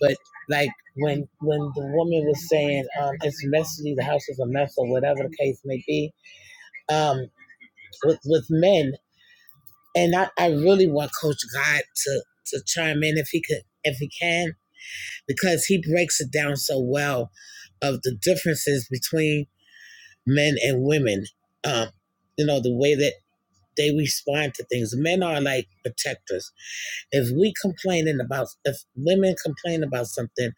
S8: But like when when the woman was saying um, it's messy, the house is a mess, or whatever the case may be, um, with with men, and I, I really want Coach God to to chime in if he could if he can because he breaks it down so well of the differences between men and women. Um, you know, the way that they respond to things. Men are like protectors. If we complaining about, if women complain about something,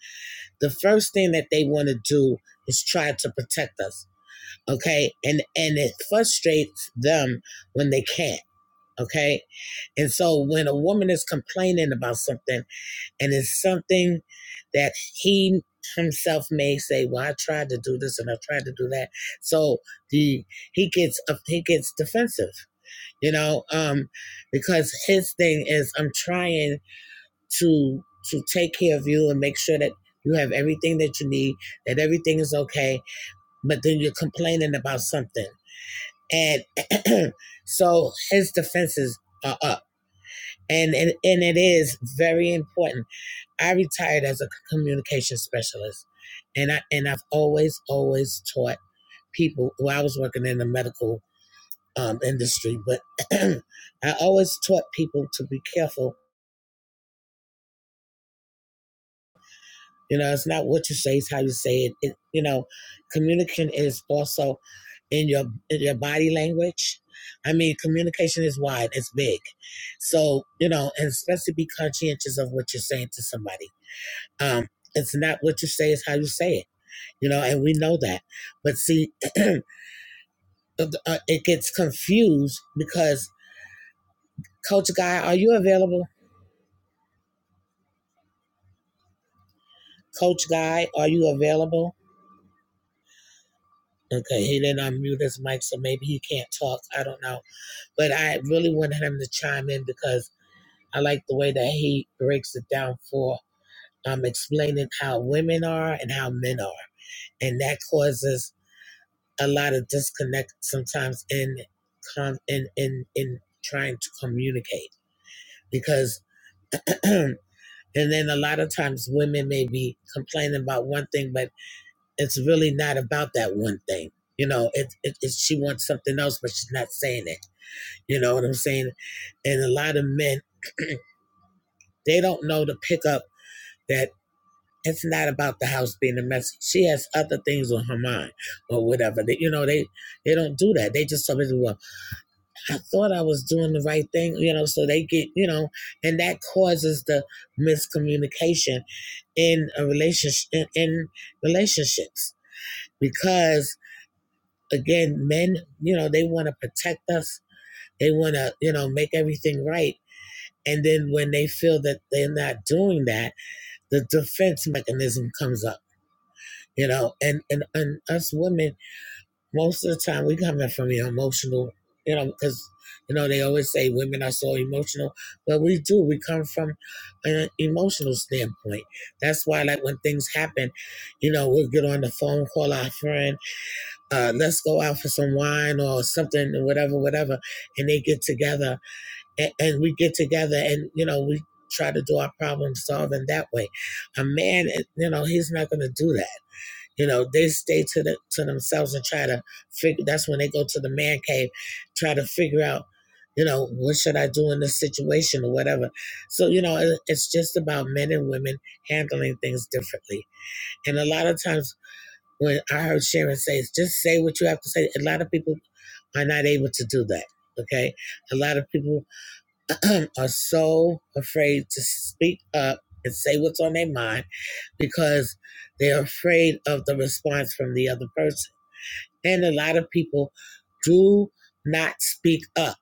S8: the first thing that they want to do is try to protect us. Okay. And, and it frustrates them when they can't. Okay. And so when a woman is complaining about something, and it's something that he himself may say, "Well, I tried to do this and I tried to do that." So the he gets uh, he gets defensive, you know, um, because his thing is, "I'm trying to to take care of you and make sure that you have everything that you need, that everything is okay." But then you're complaining about something, and so his defenses are up, and and, and it is very important I retired as a communication specialist, and I and I've always always taught people. Well, I was working in the medical um, industry, but I always taught people to be careful. You know, it's not what you say; it's how you say it. it you know, communication is also in your in your body language. I mean, communication is wide; it's big. So you know, and especially be conscientious of what you're saying to somebody. Um, it's not what you say; it's how you say it you know, and we know that. But see, it gets confused because Coach Guy, are you available? Coach Guy, are you available? Okay, he didn't unmute his mic, so maybe he can't talk. I don't know. But I really wanted him to chime in because I like the way that he breaks it down for um, explaining how women are and how men are. And that causes a lot of disconnect sometimes in, com- in, in, in trying to communicate because And then a lot of times women may be complaining about one thing, but it's really not about that one thing. You know, it, it, it she wants something else, but she's not saying it. You know what I'm saying? And a lot of men, they don't know to pick up that it's not about the house being a mess. She has other things on her mind or whatever. They, you know, they they don't do that. They just tell me, well, I thought I was doing the right thing, you know, so they get, you know, and that causes the miscommunication in a relationship in, in relationships because again, men, you know, they want to protect us. They want to, you know, make everything right. And then when they feel that they're not doing that, the defense mechanism comes up, you know, and and, and us women Most of the time, we coming from the emotional, you know, because you know they always say women are so emotional, but we do. We come from an emotional standpoint. That's why, like when things happen, you know, we'll get on the phone, call our friend, uh, let's go out for some wine or something, whatever, whatever, and they get together, and, and we get together, and you know, we try to do our problem solving that way. A man, you know, he's not going to do that you know, they stay to the, to themselves and try to figure. That's when they go to the man cave, try to figure out, you know, what should I do in this situation or whatever. So you know, it, it's just about men and women handling things differently. And a lot of times, when I heard Sharon say, "Just say what you have to say," a lot of people are not able to do that. Okay, a lot of people are so afraid to speak up and say what's on their mind because they're afraid of the response from the other person. And a lot of people do not speak up.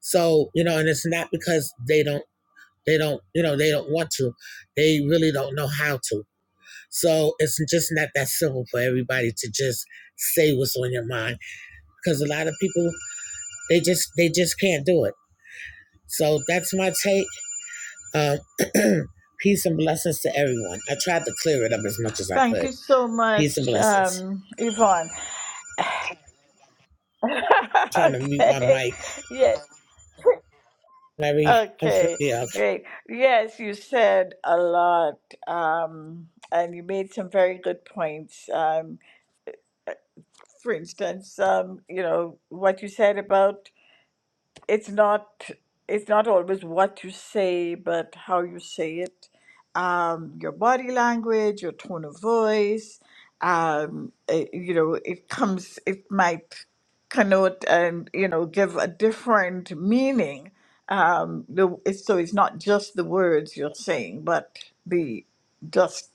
S8: So, you know, and it's not because they don't they don't, you know, they don't want to. They really don't know how to. So it's just not that simple for everybody to just say what's on your mind because a lot of people they just they just can't do it. So that's my take. Um, peace and blessings to everyone. I tried to clear it up as much as I
S2: Thank
S8: could.
S2: you so
S8: Peace and
S2: much,
S8: blessings.
S2: um, Yvonne.
S8: trying to mute my
S2: okay.
S8: mic.
S2: Yes.
S8: Very,
S2: Okay,
S8: yeah. okay.
S2: great. Yes, you said a lot, um, and you made some very good points. Um, for instance, um, you know, what you said about it's not it's not always what you say, but how you say it, um, your body language, your tone of voice. Um, eh, you know, it comes. It might connote and you know give a different meaning. Um, the, it's, so it's not just the words you're saying, but the just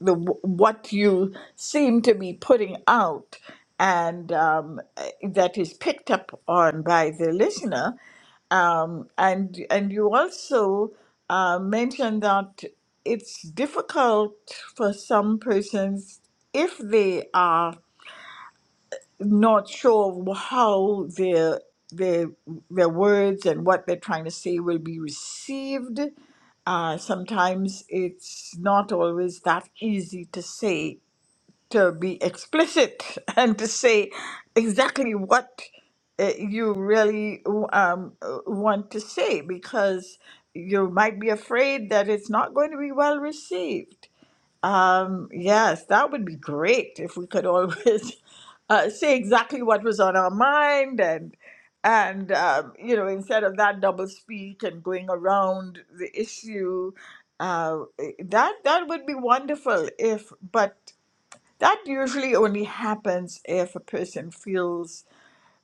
S2: the what you seem to be putting out and um, eh, that is picked up on by the listener. Um, and and you also uh, mentioned that it's difficult for some persons if they are not sure how their their their words and what they're trying to say will be received. Uh, sometimes it's not always that easy to say to be explicit and to say exactly what uh, you really um, uh, want to say because you might be afraid that it's not going to be well received. Um, yes, that would be great if we could always uh, say exactly what was on our mind and and um, you know instead of that double speak and going around the issue uh, that that would be wonderful if but that usually only happens if a person feels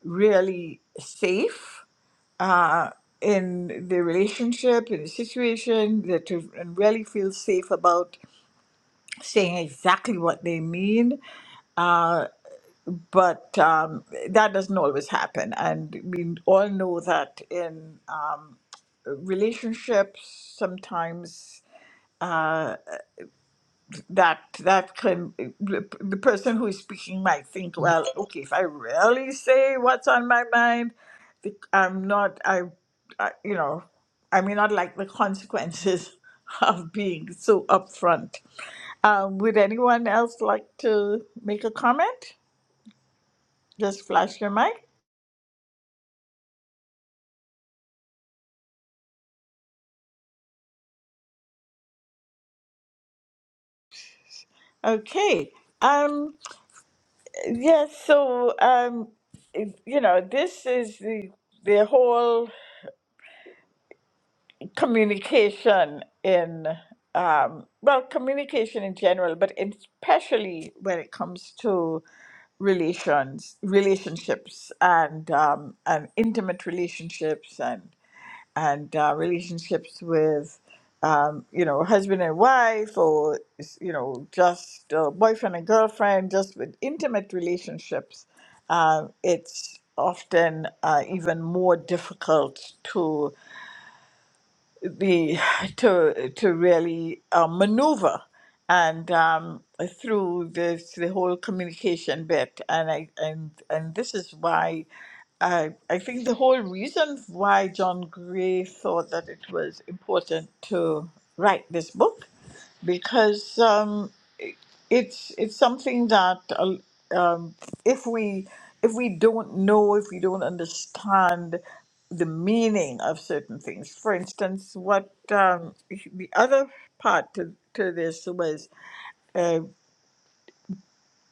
S2: really safe uh, in the relationship, in the situation, that you- really feel safe about saying exactly what they mean. Uh, but um, that doesn't always happen. And we all know that in uh, relationships, sometimes. uh, that that can the, the person who is speaking might think well okay if i really say what's on my mind the, i'm not I, I you know i may not like the consequences of being so upfront um, would anyone else like to make a comment just flash your mic okay um yes so um it- you know this is the the whole communication in um, well communication in general but in- especially when it comes to relations relationships and um, and intimate relationships and and uh, relationships with um, you know husband and wife or you know just uh, boyfriend and girlfriend just with intimate relationships um, it's often uh, even more difficult to. Be to to really uh maneuver and um, through this the whole communication bit and I and and this is why I, I think the whole reason why John Gray thought that it was important to write this book, because um, it- it's it's something that uh, um, if we if we don't know if we don't understand the meaning of certain things, for instance, what um, the other part to, to this was uh,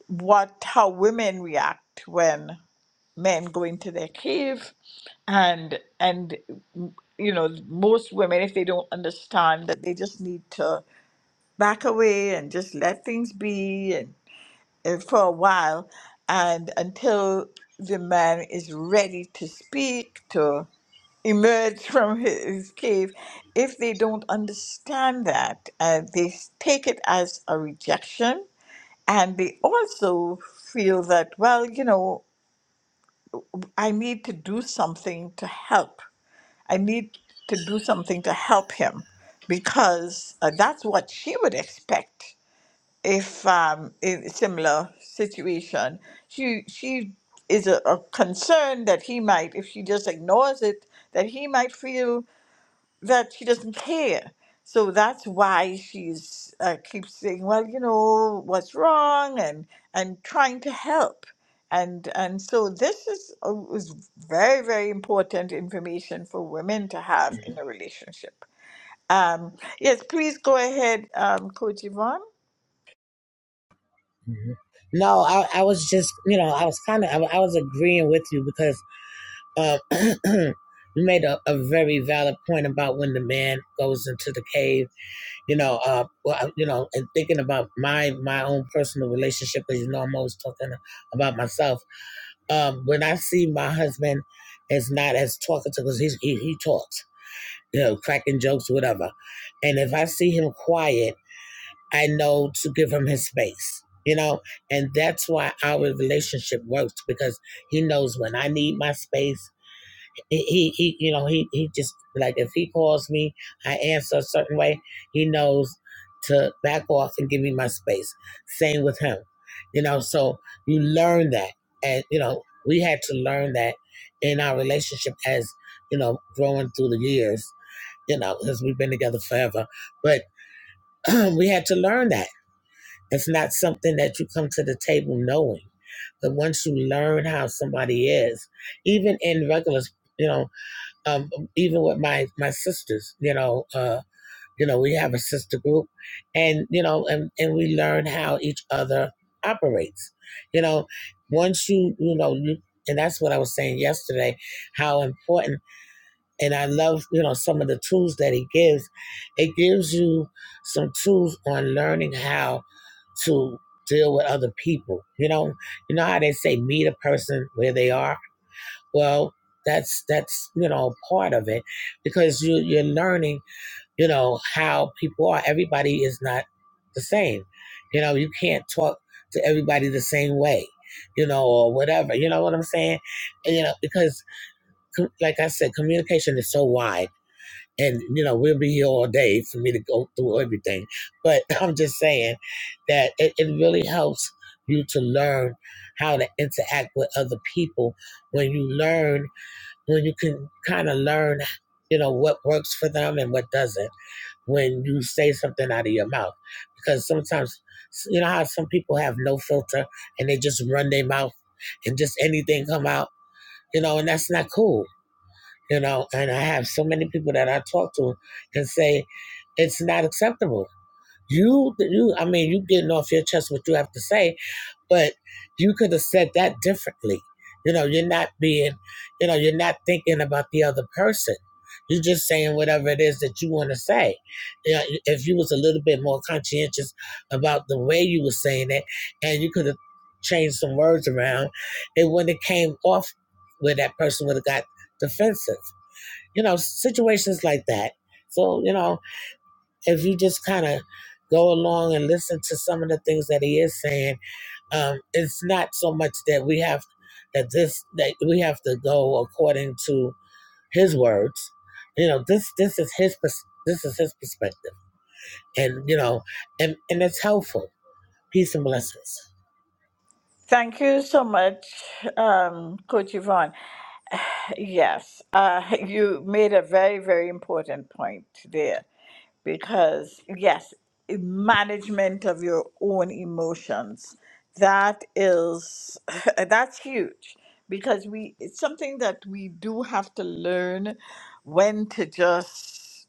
S2: what how women react when men go into their cave and and you know most women if they don't understand that they just need to back away and just let things be and, and for a while and until the man is ready to speak to emerge from his cave if they don't understand that uh, they take it as a rejection and they also feel that well you know I need to do something to help. I need to do something to help him because uh, that's what she would expect if um, in a similar situation. She she is a, a concern that he might, if she just ignores it, that he might feel that she doesn't care. So that's why she's uh, keeps saying, "Well, you know what's wrong," and and trying to help. And and so this is uh, is very very important information for women to have in a relationship. Um, yes, please go ahead, um, Coach Yvonne.
S8: Mhm. No, I, I was just, you know, I was kind of, I, I was agreeing with you because um, you made a, a very valid point about when the man goes into the cave, you know, uh, well, you know, and thinking about my my own personal relationship, because you know, I'm always talking about myself. Um, when I see my husband is not as talkative because he he talks, you know, cracking jokes, whatever, and if I see him quiet I know to give him his space, you know, and that's why our relationship works because he knows when I need my space. He, he, he you know, he, he just like if he calls me, I answer a certain way. He knows to back off and give me my space. Same with him, you know. So you learn that, and you know, we had to learn that in our relationship as you know, growing through the years, you know, because we've been together forever, but we had to learn that it's not something that you come to the table knowing. But once you learn how somebody is, even in regular, you know, um, even with my my sisters, you know, uh, you know, we have a sister group, and you know, and and we learn how each other operates. You know, once you you know, you, and that's what I was saying yesterday, how important and I love, you know, some of the tools that he gives. It gives you some tools on learning how to deal with other people. You know, you know how they say meet a person where they are. Well, that's that's you know part of it because you you're learning you know how people are. Everybody is not the same. You know, you can't talk to everybody the same way. You know, or whatever. You know what I'm saying? And, you know, because com- like I said, communication is so wide and you know we'll be here all day for me to go through everything but i'm just saying that it, it really helps you to learn how to interact with other people when you learn when you can kind of learn you know what works for them and what doesn't when you say something out of your mouth because sometimes you know how some people have no filter and they just run their mouth and just anything come out you know and that's not cool you know and i have so many people that i talk to and say it's not acceptable you you i mean you getting off your chest what you have to say but you could have said that differently you know you're not being you know you're not thinking about the other person you're just saying whatever it is that you want to say you know, if you was a little bit more conscientious about the way you were saying it and you could have changed some words around it wouldn't have came off where that person would have got defensive you know, situations like that. So, you know, if you just kind of go along and listen to some of the things that he is saying, um, it's not so much that we have that this that we have to go according to his words. You know, this this is his pers- this is his perspective, and you know, and and it's helpful. Peace and blessings.
S2: Thank you so much, um, Coach Yvonne. Yes, uh, you made a very very important point there because yes management of your own emotions that is that's huge because we it's something that we do have to learn when to just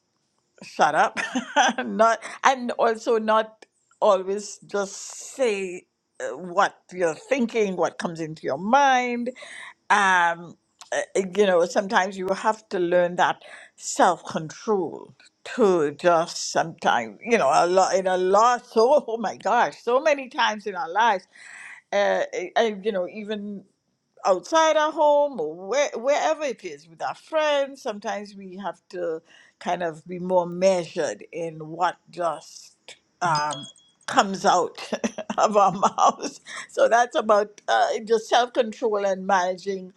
S2: shut up not and also not always just say uh, what you're thinking what comes into your mind um, uh, you know, sometimes you have to learn that self control to just sometimes, you know, a lot in a lot. So, oh my gosh, so many times in our lives, uh, I, I- you know, even outside our home or where, wherever it is with our friends sometimes we have to kind of be more measured in what just um, comes out of our mouths so that's about uh, just self-control and managing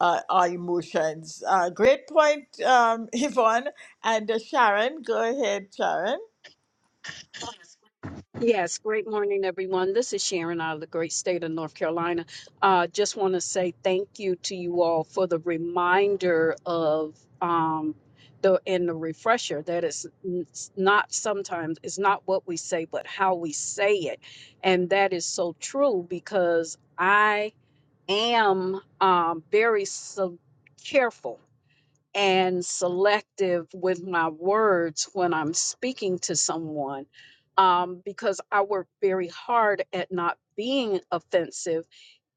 S2: uh, our emotions uh, great point um, yvonne and uh, sharon go ahead sharon
S4: Yes, great morning, everyone. This is Sharon out of the great state of North Carolina. Uh, just want to say thank you to you all for the reminder of um, the and the refresher that it's n- it's not sometimes it's not what we say, but how we say it, and that is so true because I am um, very so careful and selective with my words when I'm speaking to someone um, because I work very hard at not being offensive,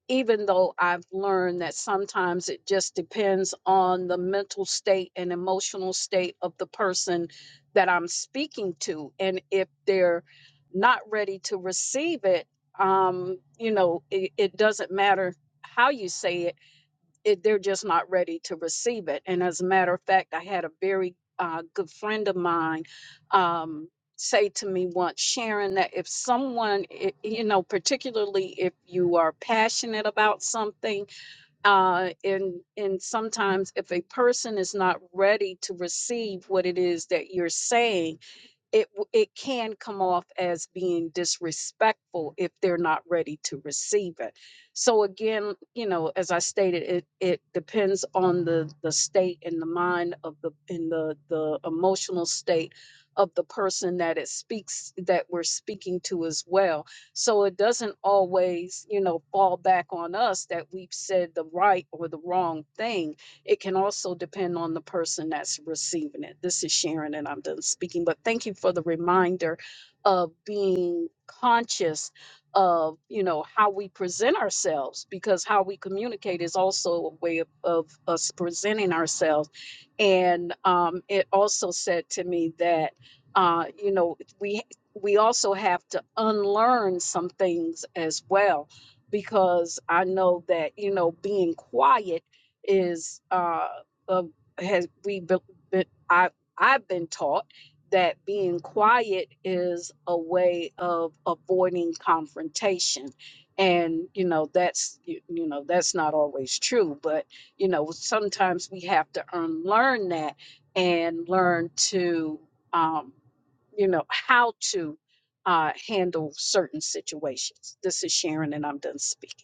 S4: even though I've learned that sometimes it just depends on the mental state and emotional state of the person that I'm speaking to. And if they're not ready to receive it, um, you know, it, it doesn't matter how you say it it, they're just not ready to receive it. And as a matter of fact, I had a very uh, good friend of mine um, say to me once, Sharon, that if someone, i- you know, particularly if you are passionate about something, uh, and and sometimes if a person is not ready to receive what it is that you're saying it w- it can come off as being disrespectful if they're not ready to receive it. So again, you know, as I stated, it it depends on the the state and the mind of the in the the emotional state of the person that it speaks that we're speaking to as well. So it doesn't always, you know, fall back on us that we've said the right or the wrong thing it can also depend on the person that's receiving it. This is Sharon, and I'm done speaking. But thank you for the reminder of being conscious of you know how we present ourselves because how we communicate is also a way of, of us presenting ourselves and um, it also said to me that uh, you know we we also have to unlearn some things as well because i know that you know being quiet is uh, uh has we been, been I I've been taught that being quiet is a way of avoiding confrontation and you know that's you, you know that's not always true but you know sometimes we have to unlearn that and learn to um you know how to uh handle certain situations this is sharon and i'm done speaking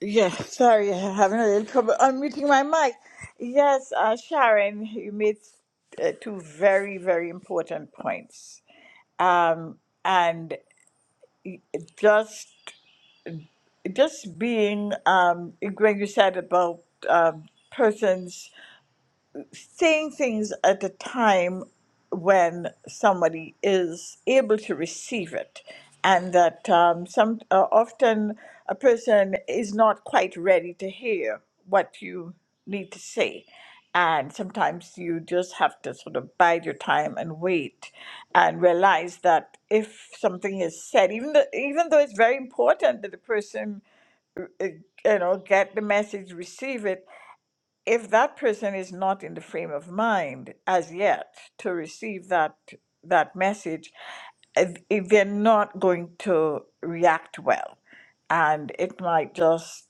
S2: Yeah, sorry, I'm having a little trouble unmuting my mic. Yes, uh, Sharon, you made uh, two very, very important points. Um, and just just being um, when you said about um, persons saying things at a time when somebody is able to receive it, and that um, some uh, often a person is not quite ready to hear what you need to say. And sometimes you just have to sort of bide your time and wait, and realize that if something is said, even though, even though it's very important that the person, uh, you know, get the message, receive it, if that person is not in the frame of mind as yet to receive that that message uh, they're not going to react well and it might just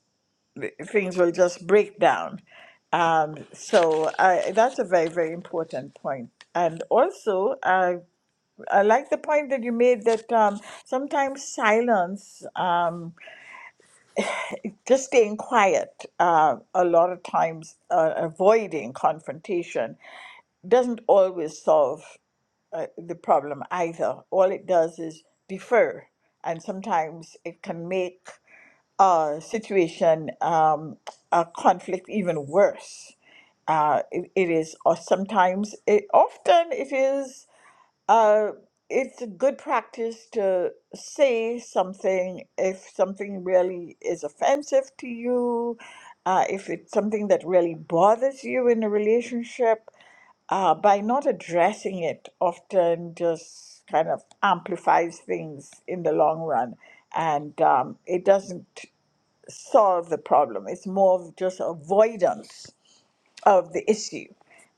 S2: things will just break down um, so I, that's a very very important point point. and also I, I like the point that you made that um, sometimes silence um, just staying quiet uh, a lot of times uh, avoiding confrontation doesn't always solve uh, the problem either. All it does is defer, and sometimes it can make a situation, um, a conflict, even worse. Uh, it, it is, or sometimes, it, often it is. Uh, it's a good practice to say something if something really is offensive to you, uh, if it's something that really bothers you in a relationship. Uh, by not addressing it, often just kind of amplifies things in the long run, and um, it doesn't solve the problem. It's more of just avoidance of the issue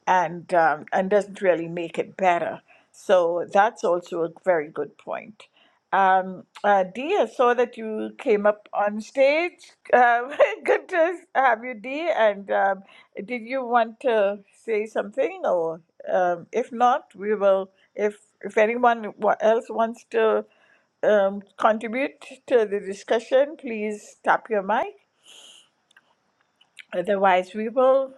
S2: and um, and doesn't really make it better. So that's also a very good point. Um, uh, Dee, I saw that you came up on stage. Um, good to have you, Dee. And um, did you want to say something, or um, if not, we will. If if anyone wa- else wants to um, contribute to the discussion, please tap your mic. Otherwise, we will.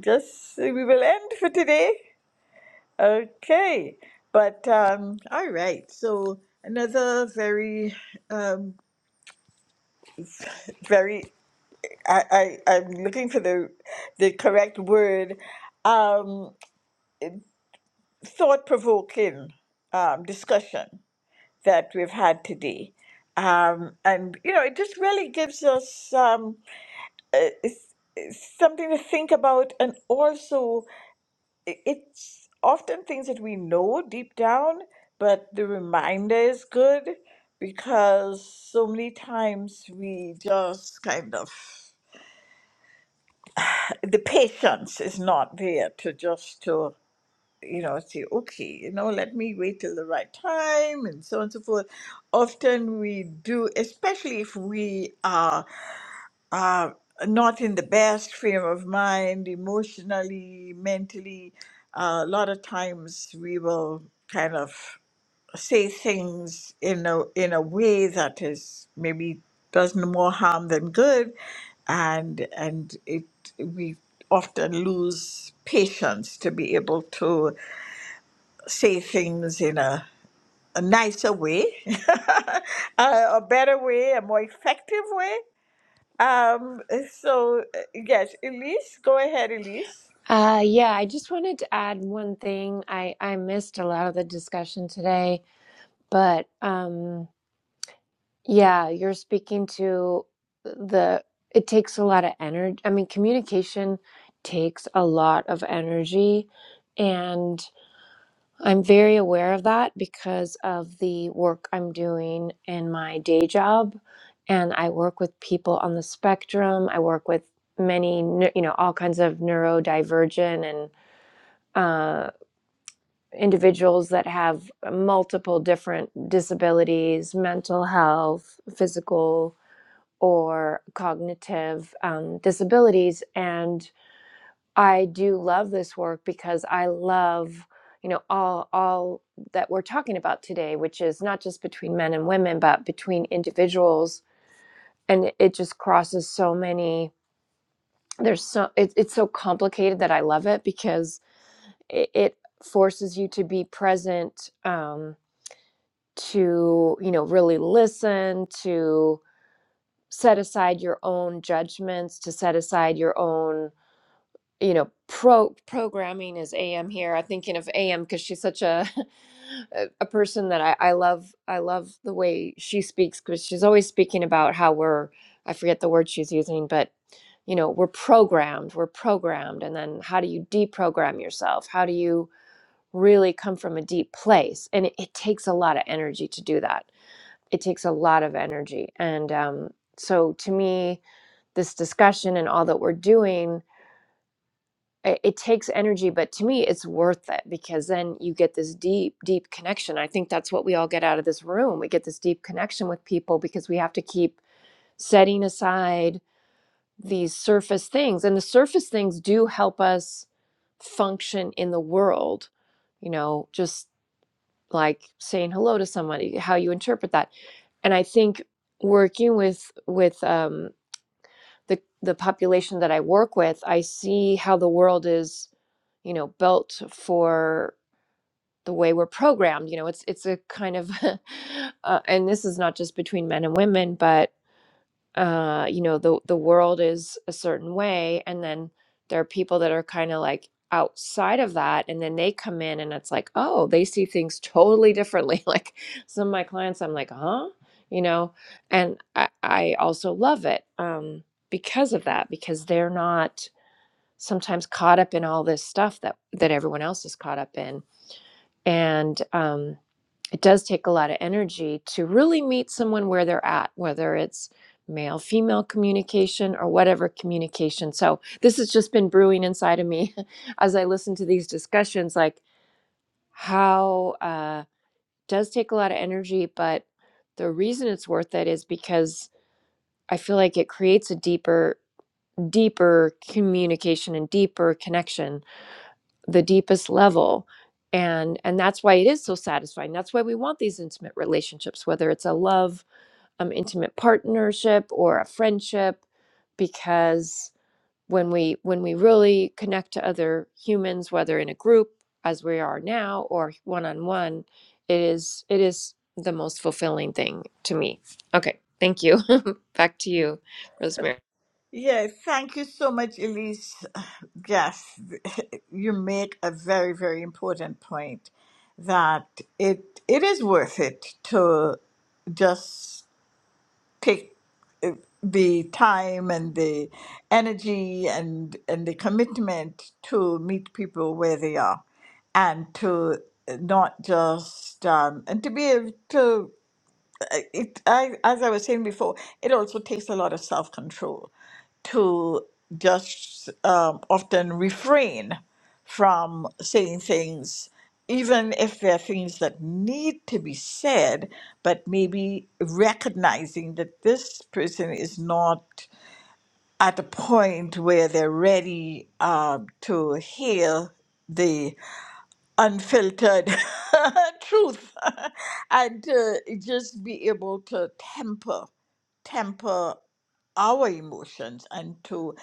S2: guess we will end for today. Okay. But um, all right. So another very, um, very. I, I I'm looking for the the correct word. Um, thought provoking um, discussion that we've had today. Um, and you know, it just really gives us um, uh, s- something to think about, and also i- it's often things that we know deep down, but the reminder is good because so many times we just kind of the patience is not there to just to you know say okay you know let me wait till the right time and so on and so forth often we do especially if we are uh, not in the best frame of mind emotionally, mentally. Uh, a lot of times we will kind of say things in a in a way that is maybe does more harm than good, and and it we often lose patience to be able to say things in a, a nicer way, a, a better way, a more effective way. Um, so uh, yes, Elise, go ahead, Elise.
S7: Uh, yeah, I just wanted to add one thing. I, I missed a lot of the discussion today, but um, yeah, you're speaking to the, it takes a lot of energy. I mean, communication takes a lot of energy. And I'm very aware of that because of the work I'm doing in my day job. And I work with people on the spectrum. I work with many, neu- you know, all kinds of neurodivergent and uh, individuals that have multiple different disabilities, mental health, physical, or cognitive um, disabilities. And I do love this work because I love, you know, all all that we're talking about today, which is not just between men and women, but between individuals. And it just crosses so many. There's so it, it's so complicated that I love it because it, it forces you to be present. Um, to you know really listen to set aside your own judgments to set aside your own you know pro programming is am here i'm thinking of am because she's such a a a person that I, I love i love the way she speaks because she's always speaking about how we're i forget the word she's using but you know we're programmed we're programmed and then how do you deprogram yourself how do you really come from a deep place and it, it takes a lot of energy to do that it takes a lot of energy and um, so to me this discussion and all that we're doing it, it takes energy but to me it's worth it because then you get this deep deep connection i think that's what we all get out of this room we get this deep connection with people because we have to keep setting aside these surface things and the surface things do help us function in the world you know just like saying hello to somebody how you interpret that and I think working with with um, the the population that I work with, I see how the world is, you know, built for the way we're programmed. You know, it's it's a kind of, uh, and this is not just between men and women, but uh you know the the world is a certain way and then there are people that are kind of like outside of that and then they come in and it's like oh they see things totally differently like some of my clients I'm like huh you know and I, I also love it um because of that because they're not sometimes caught up in all this stuff that that everyone else is caught up in and um, it does take a lot of energy to really meet someone where they're at, whether it's male female communication or whatever communication. So, this has just been brewing inside of me as I listen to these discussions like how uh does take a lot of energy, but the reason it's worth it is because I feel like it creates a deeper deeper communication and deeper connection the deepest level and and that's why it is so satisfying that's why we want these intimate relationships whether it's a love um, intimate partnership or a friendship because when we when we really connect to other humans whether in a group as we are now or one on one it is it is the most fulfilling thing to me okay thank you back to you rosemary
S2: Yes, thank you so much, Elise. Yes, you make a very, very important point that it it is worth it to just take the time and the energy and and the commitment to meet people where they are and to not just um, and to be able to I- it, I, as I was saying before, it also takes a lot of self control to just um, often refrain from saying things, even if there are things that need to be said, but maybe recognizing that this person is not at a point where they're ready uh, to hear. the unfiltered truth and uh, just be able to temper temper our emotions and to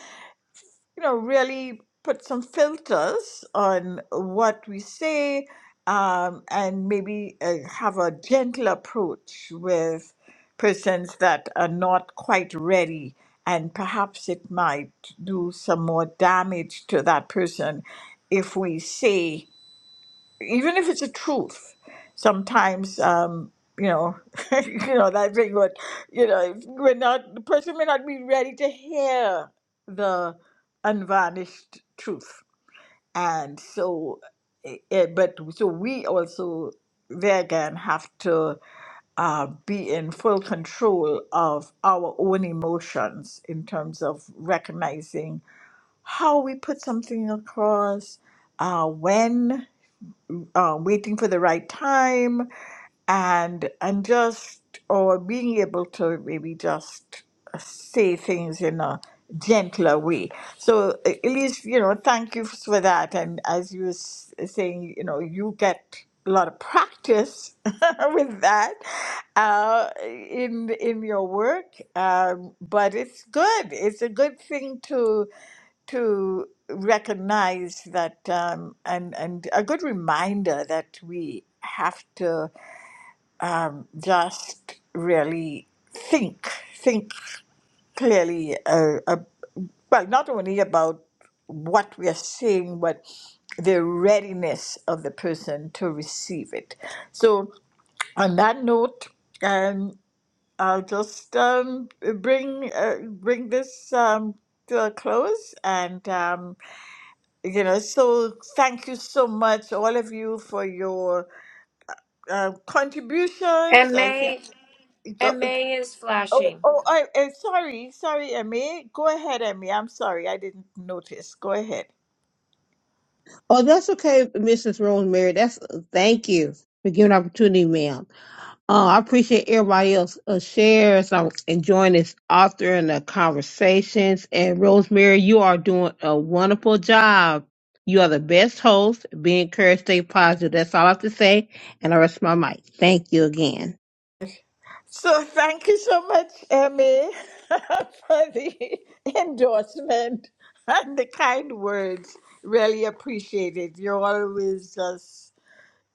S2: you know really put some filters on what we say um, and maybe uh, have a gentle approach with persons that are not quite ready and perhaps it might do some more damage to that person if we say even if it's a truth, sometimes um, you know, you know that thing. What you know, if we're not the person may not be ready to hear the unvarnished truth, and so, eh, eh, but so we also there again have to uh, be in full control of our own emotions in terms of recognizing how we put something across, uh, when um, waiting for the right time and and just or being able to maybe just say things in a gentler way so uh, at least you know thank you for that and as you were s- saying you know you get a lot of practice with that uh, in in your work um, but it's good it's a good thing to to recognize that um, and and a good reminder that we have to um, just really think think clearly uh, uh, well not only about what we are seeing but the readiness of the person to receive it so on that note um, i'll just um, bring uh, bring this um, to a close and um. you know so thank you so much all of you for your uh, contributions
S7: and
S2: i think
S7: may
S2: go,
S7: and may is
S2: oh,
S7: flashing
S2: oh I, eh, sorry sorry emmy go ahead emmy i'm sorry i didn't notice go ahead
S3: Oh, that's okay, Mrs. Rosemary. That's thank you for giving opportunity, ma'am. Uh, I appreciate everybody else uh, shares. I'm enjoying this author and the conversations. And Rosemary, you are doing a wonderful job. You are the best host. Be encouraged, stay positive. That's all I have to say. And I rest my mic. Thank you again.
S2: so thank you so much emmy for the endorsement and the kind words really appreciated you're always just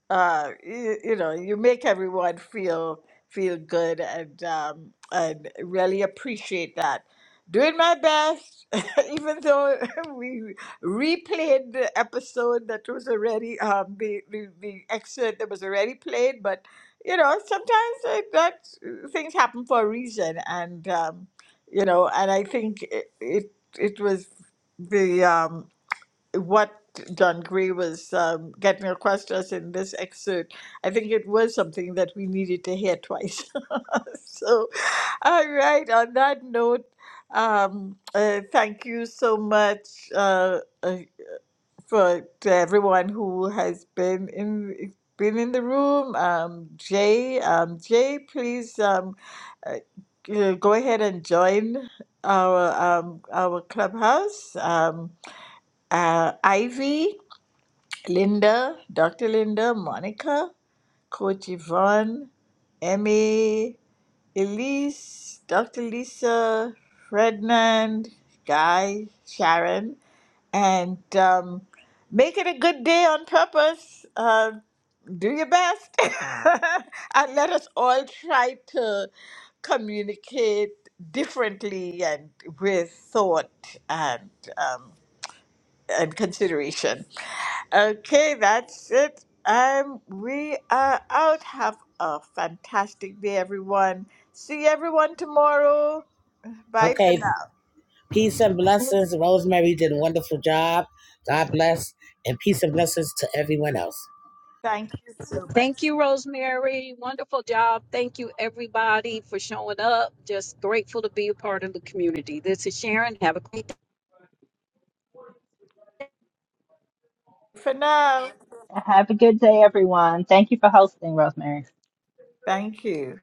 S2: uh, you, you know, you make everyone feel feel good, and um, and really appreciate that. Doing my best, even though we replayed the episode that was already um, the, the the excerpt that was already played, but you know, sometimes it, that uh, things happen for a reason, and um, you know, and I think it it, it was the um, what John Gray was um, getting across to us in this excerpt, I think it was something that we needed to hear twice. so, all right, on that note, um, uh, thank you so much uh, uh, for to everyone who has been in been in the room. Um, Jay, um, Jay, please um, uh, g- go ahead and join our um, our clubhouse. Um, uh, Ivy. Linda, Dr. Linda, Monica, Coach Yvonne, Emmy, Elise, Dr. Lisa, Ferdinand, Guy, Sharon, and um, make it a good day on purpose. Uh, do your best. and let us all try to communicate differently and with thought. And um, and consideration. Okay, that's it. Um, we are out. Have a fantastic day, everyone. See everyone tomorrow. Bye for
S8: Okay,
S2: now.
S8: peace and blessings. Rosemary did a wonderful job. God bless, and peace and blessings to everyone else.
S2: Thank you so much.
S4: Thank you, Rosemary. Wonderful job. Thank you, everybody, for showing up. Just grateful to be a part of the community. This is Sharon. Have a
S2: For now.
S6: Have a good day, everyone. Thank you for hosting, Rosemary.
S2: Thank you.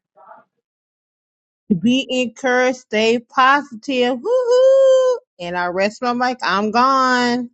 S3: Be encouraged, stay positive. Woo-hoo! And I rest my mic. I'm gone.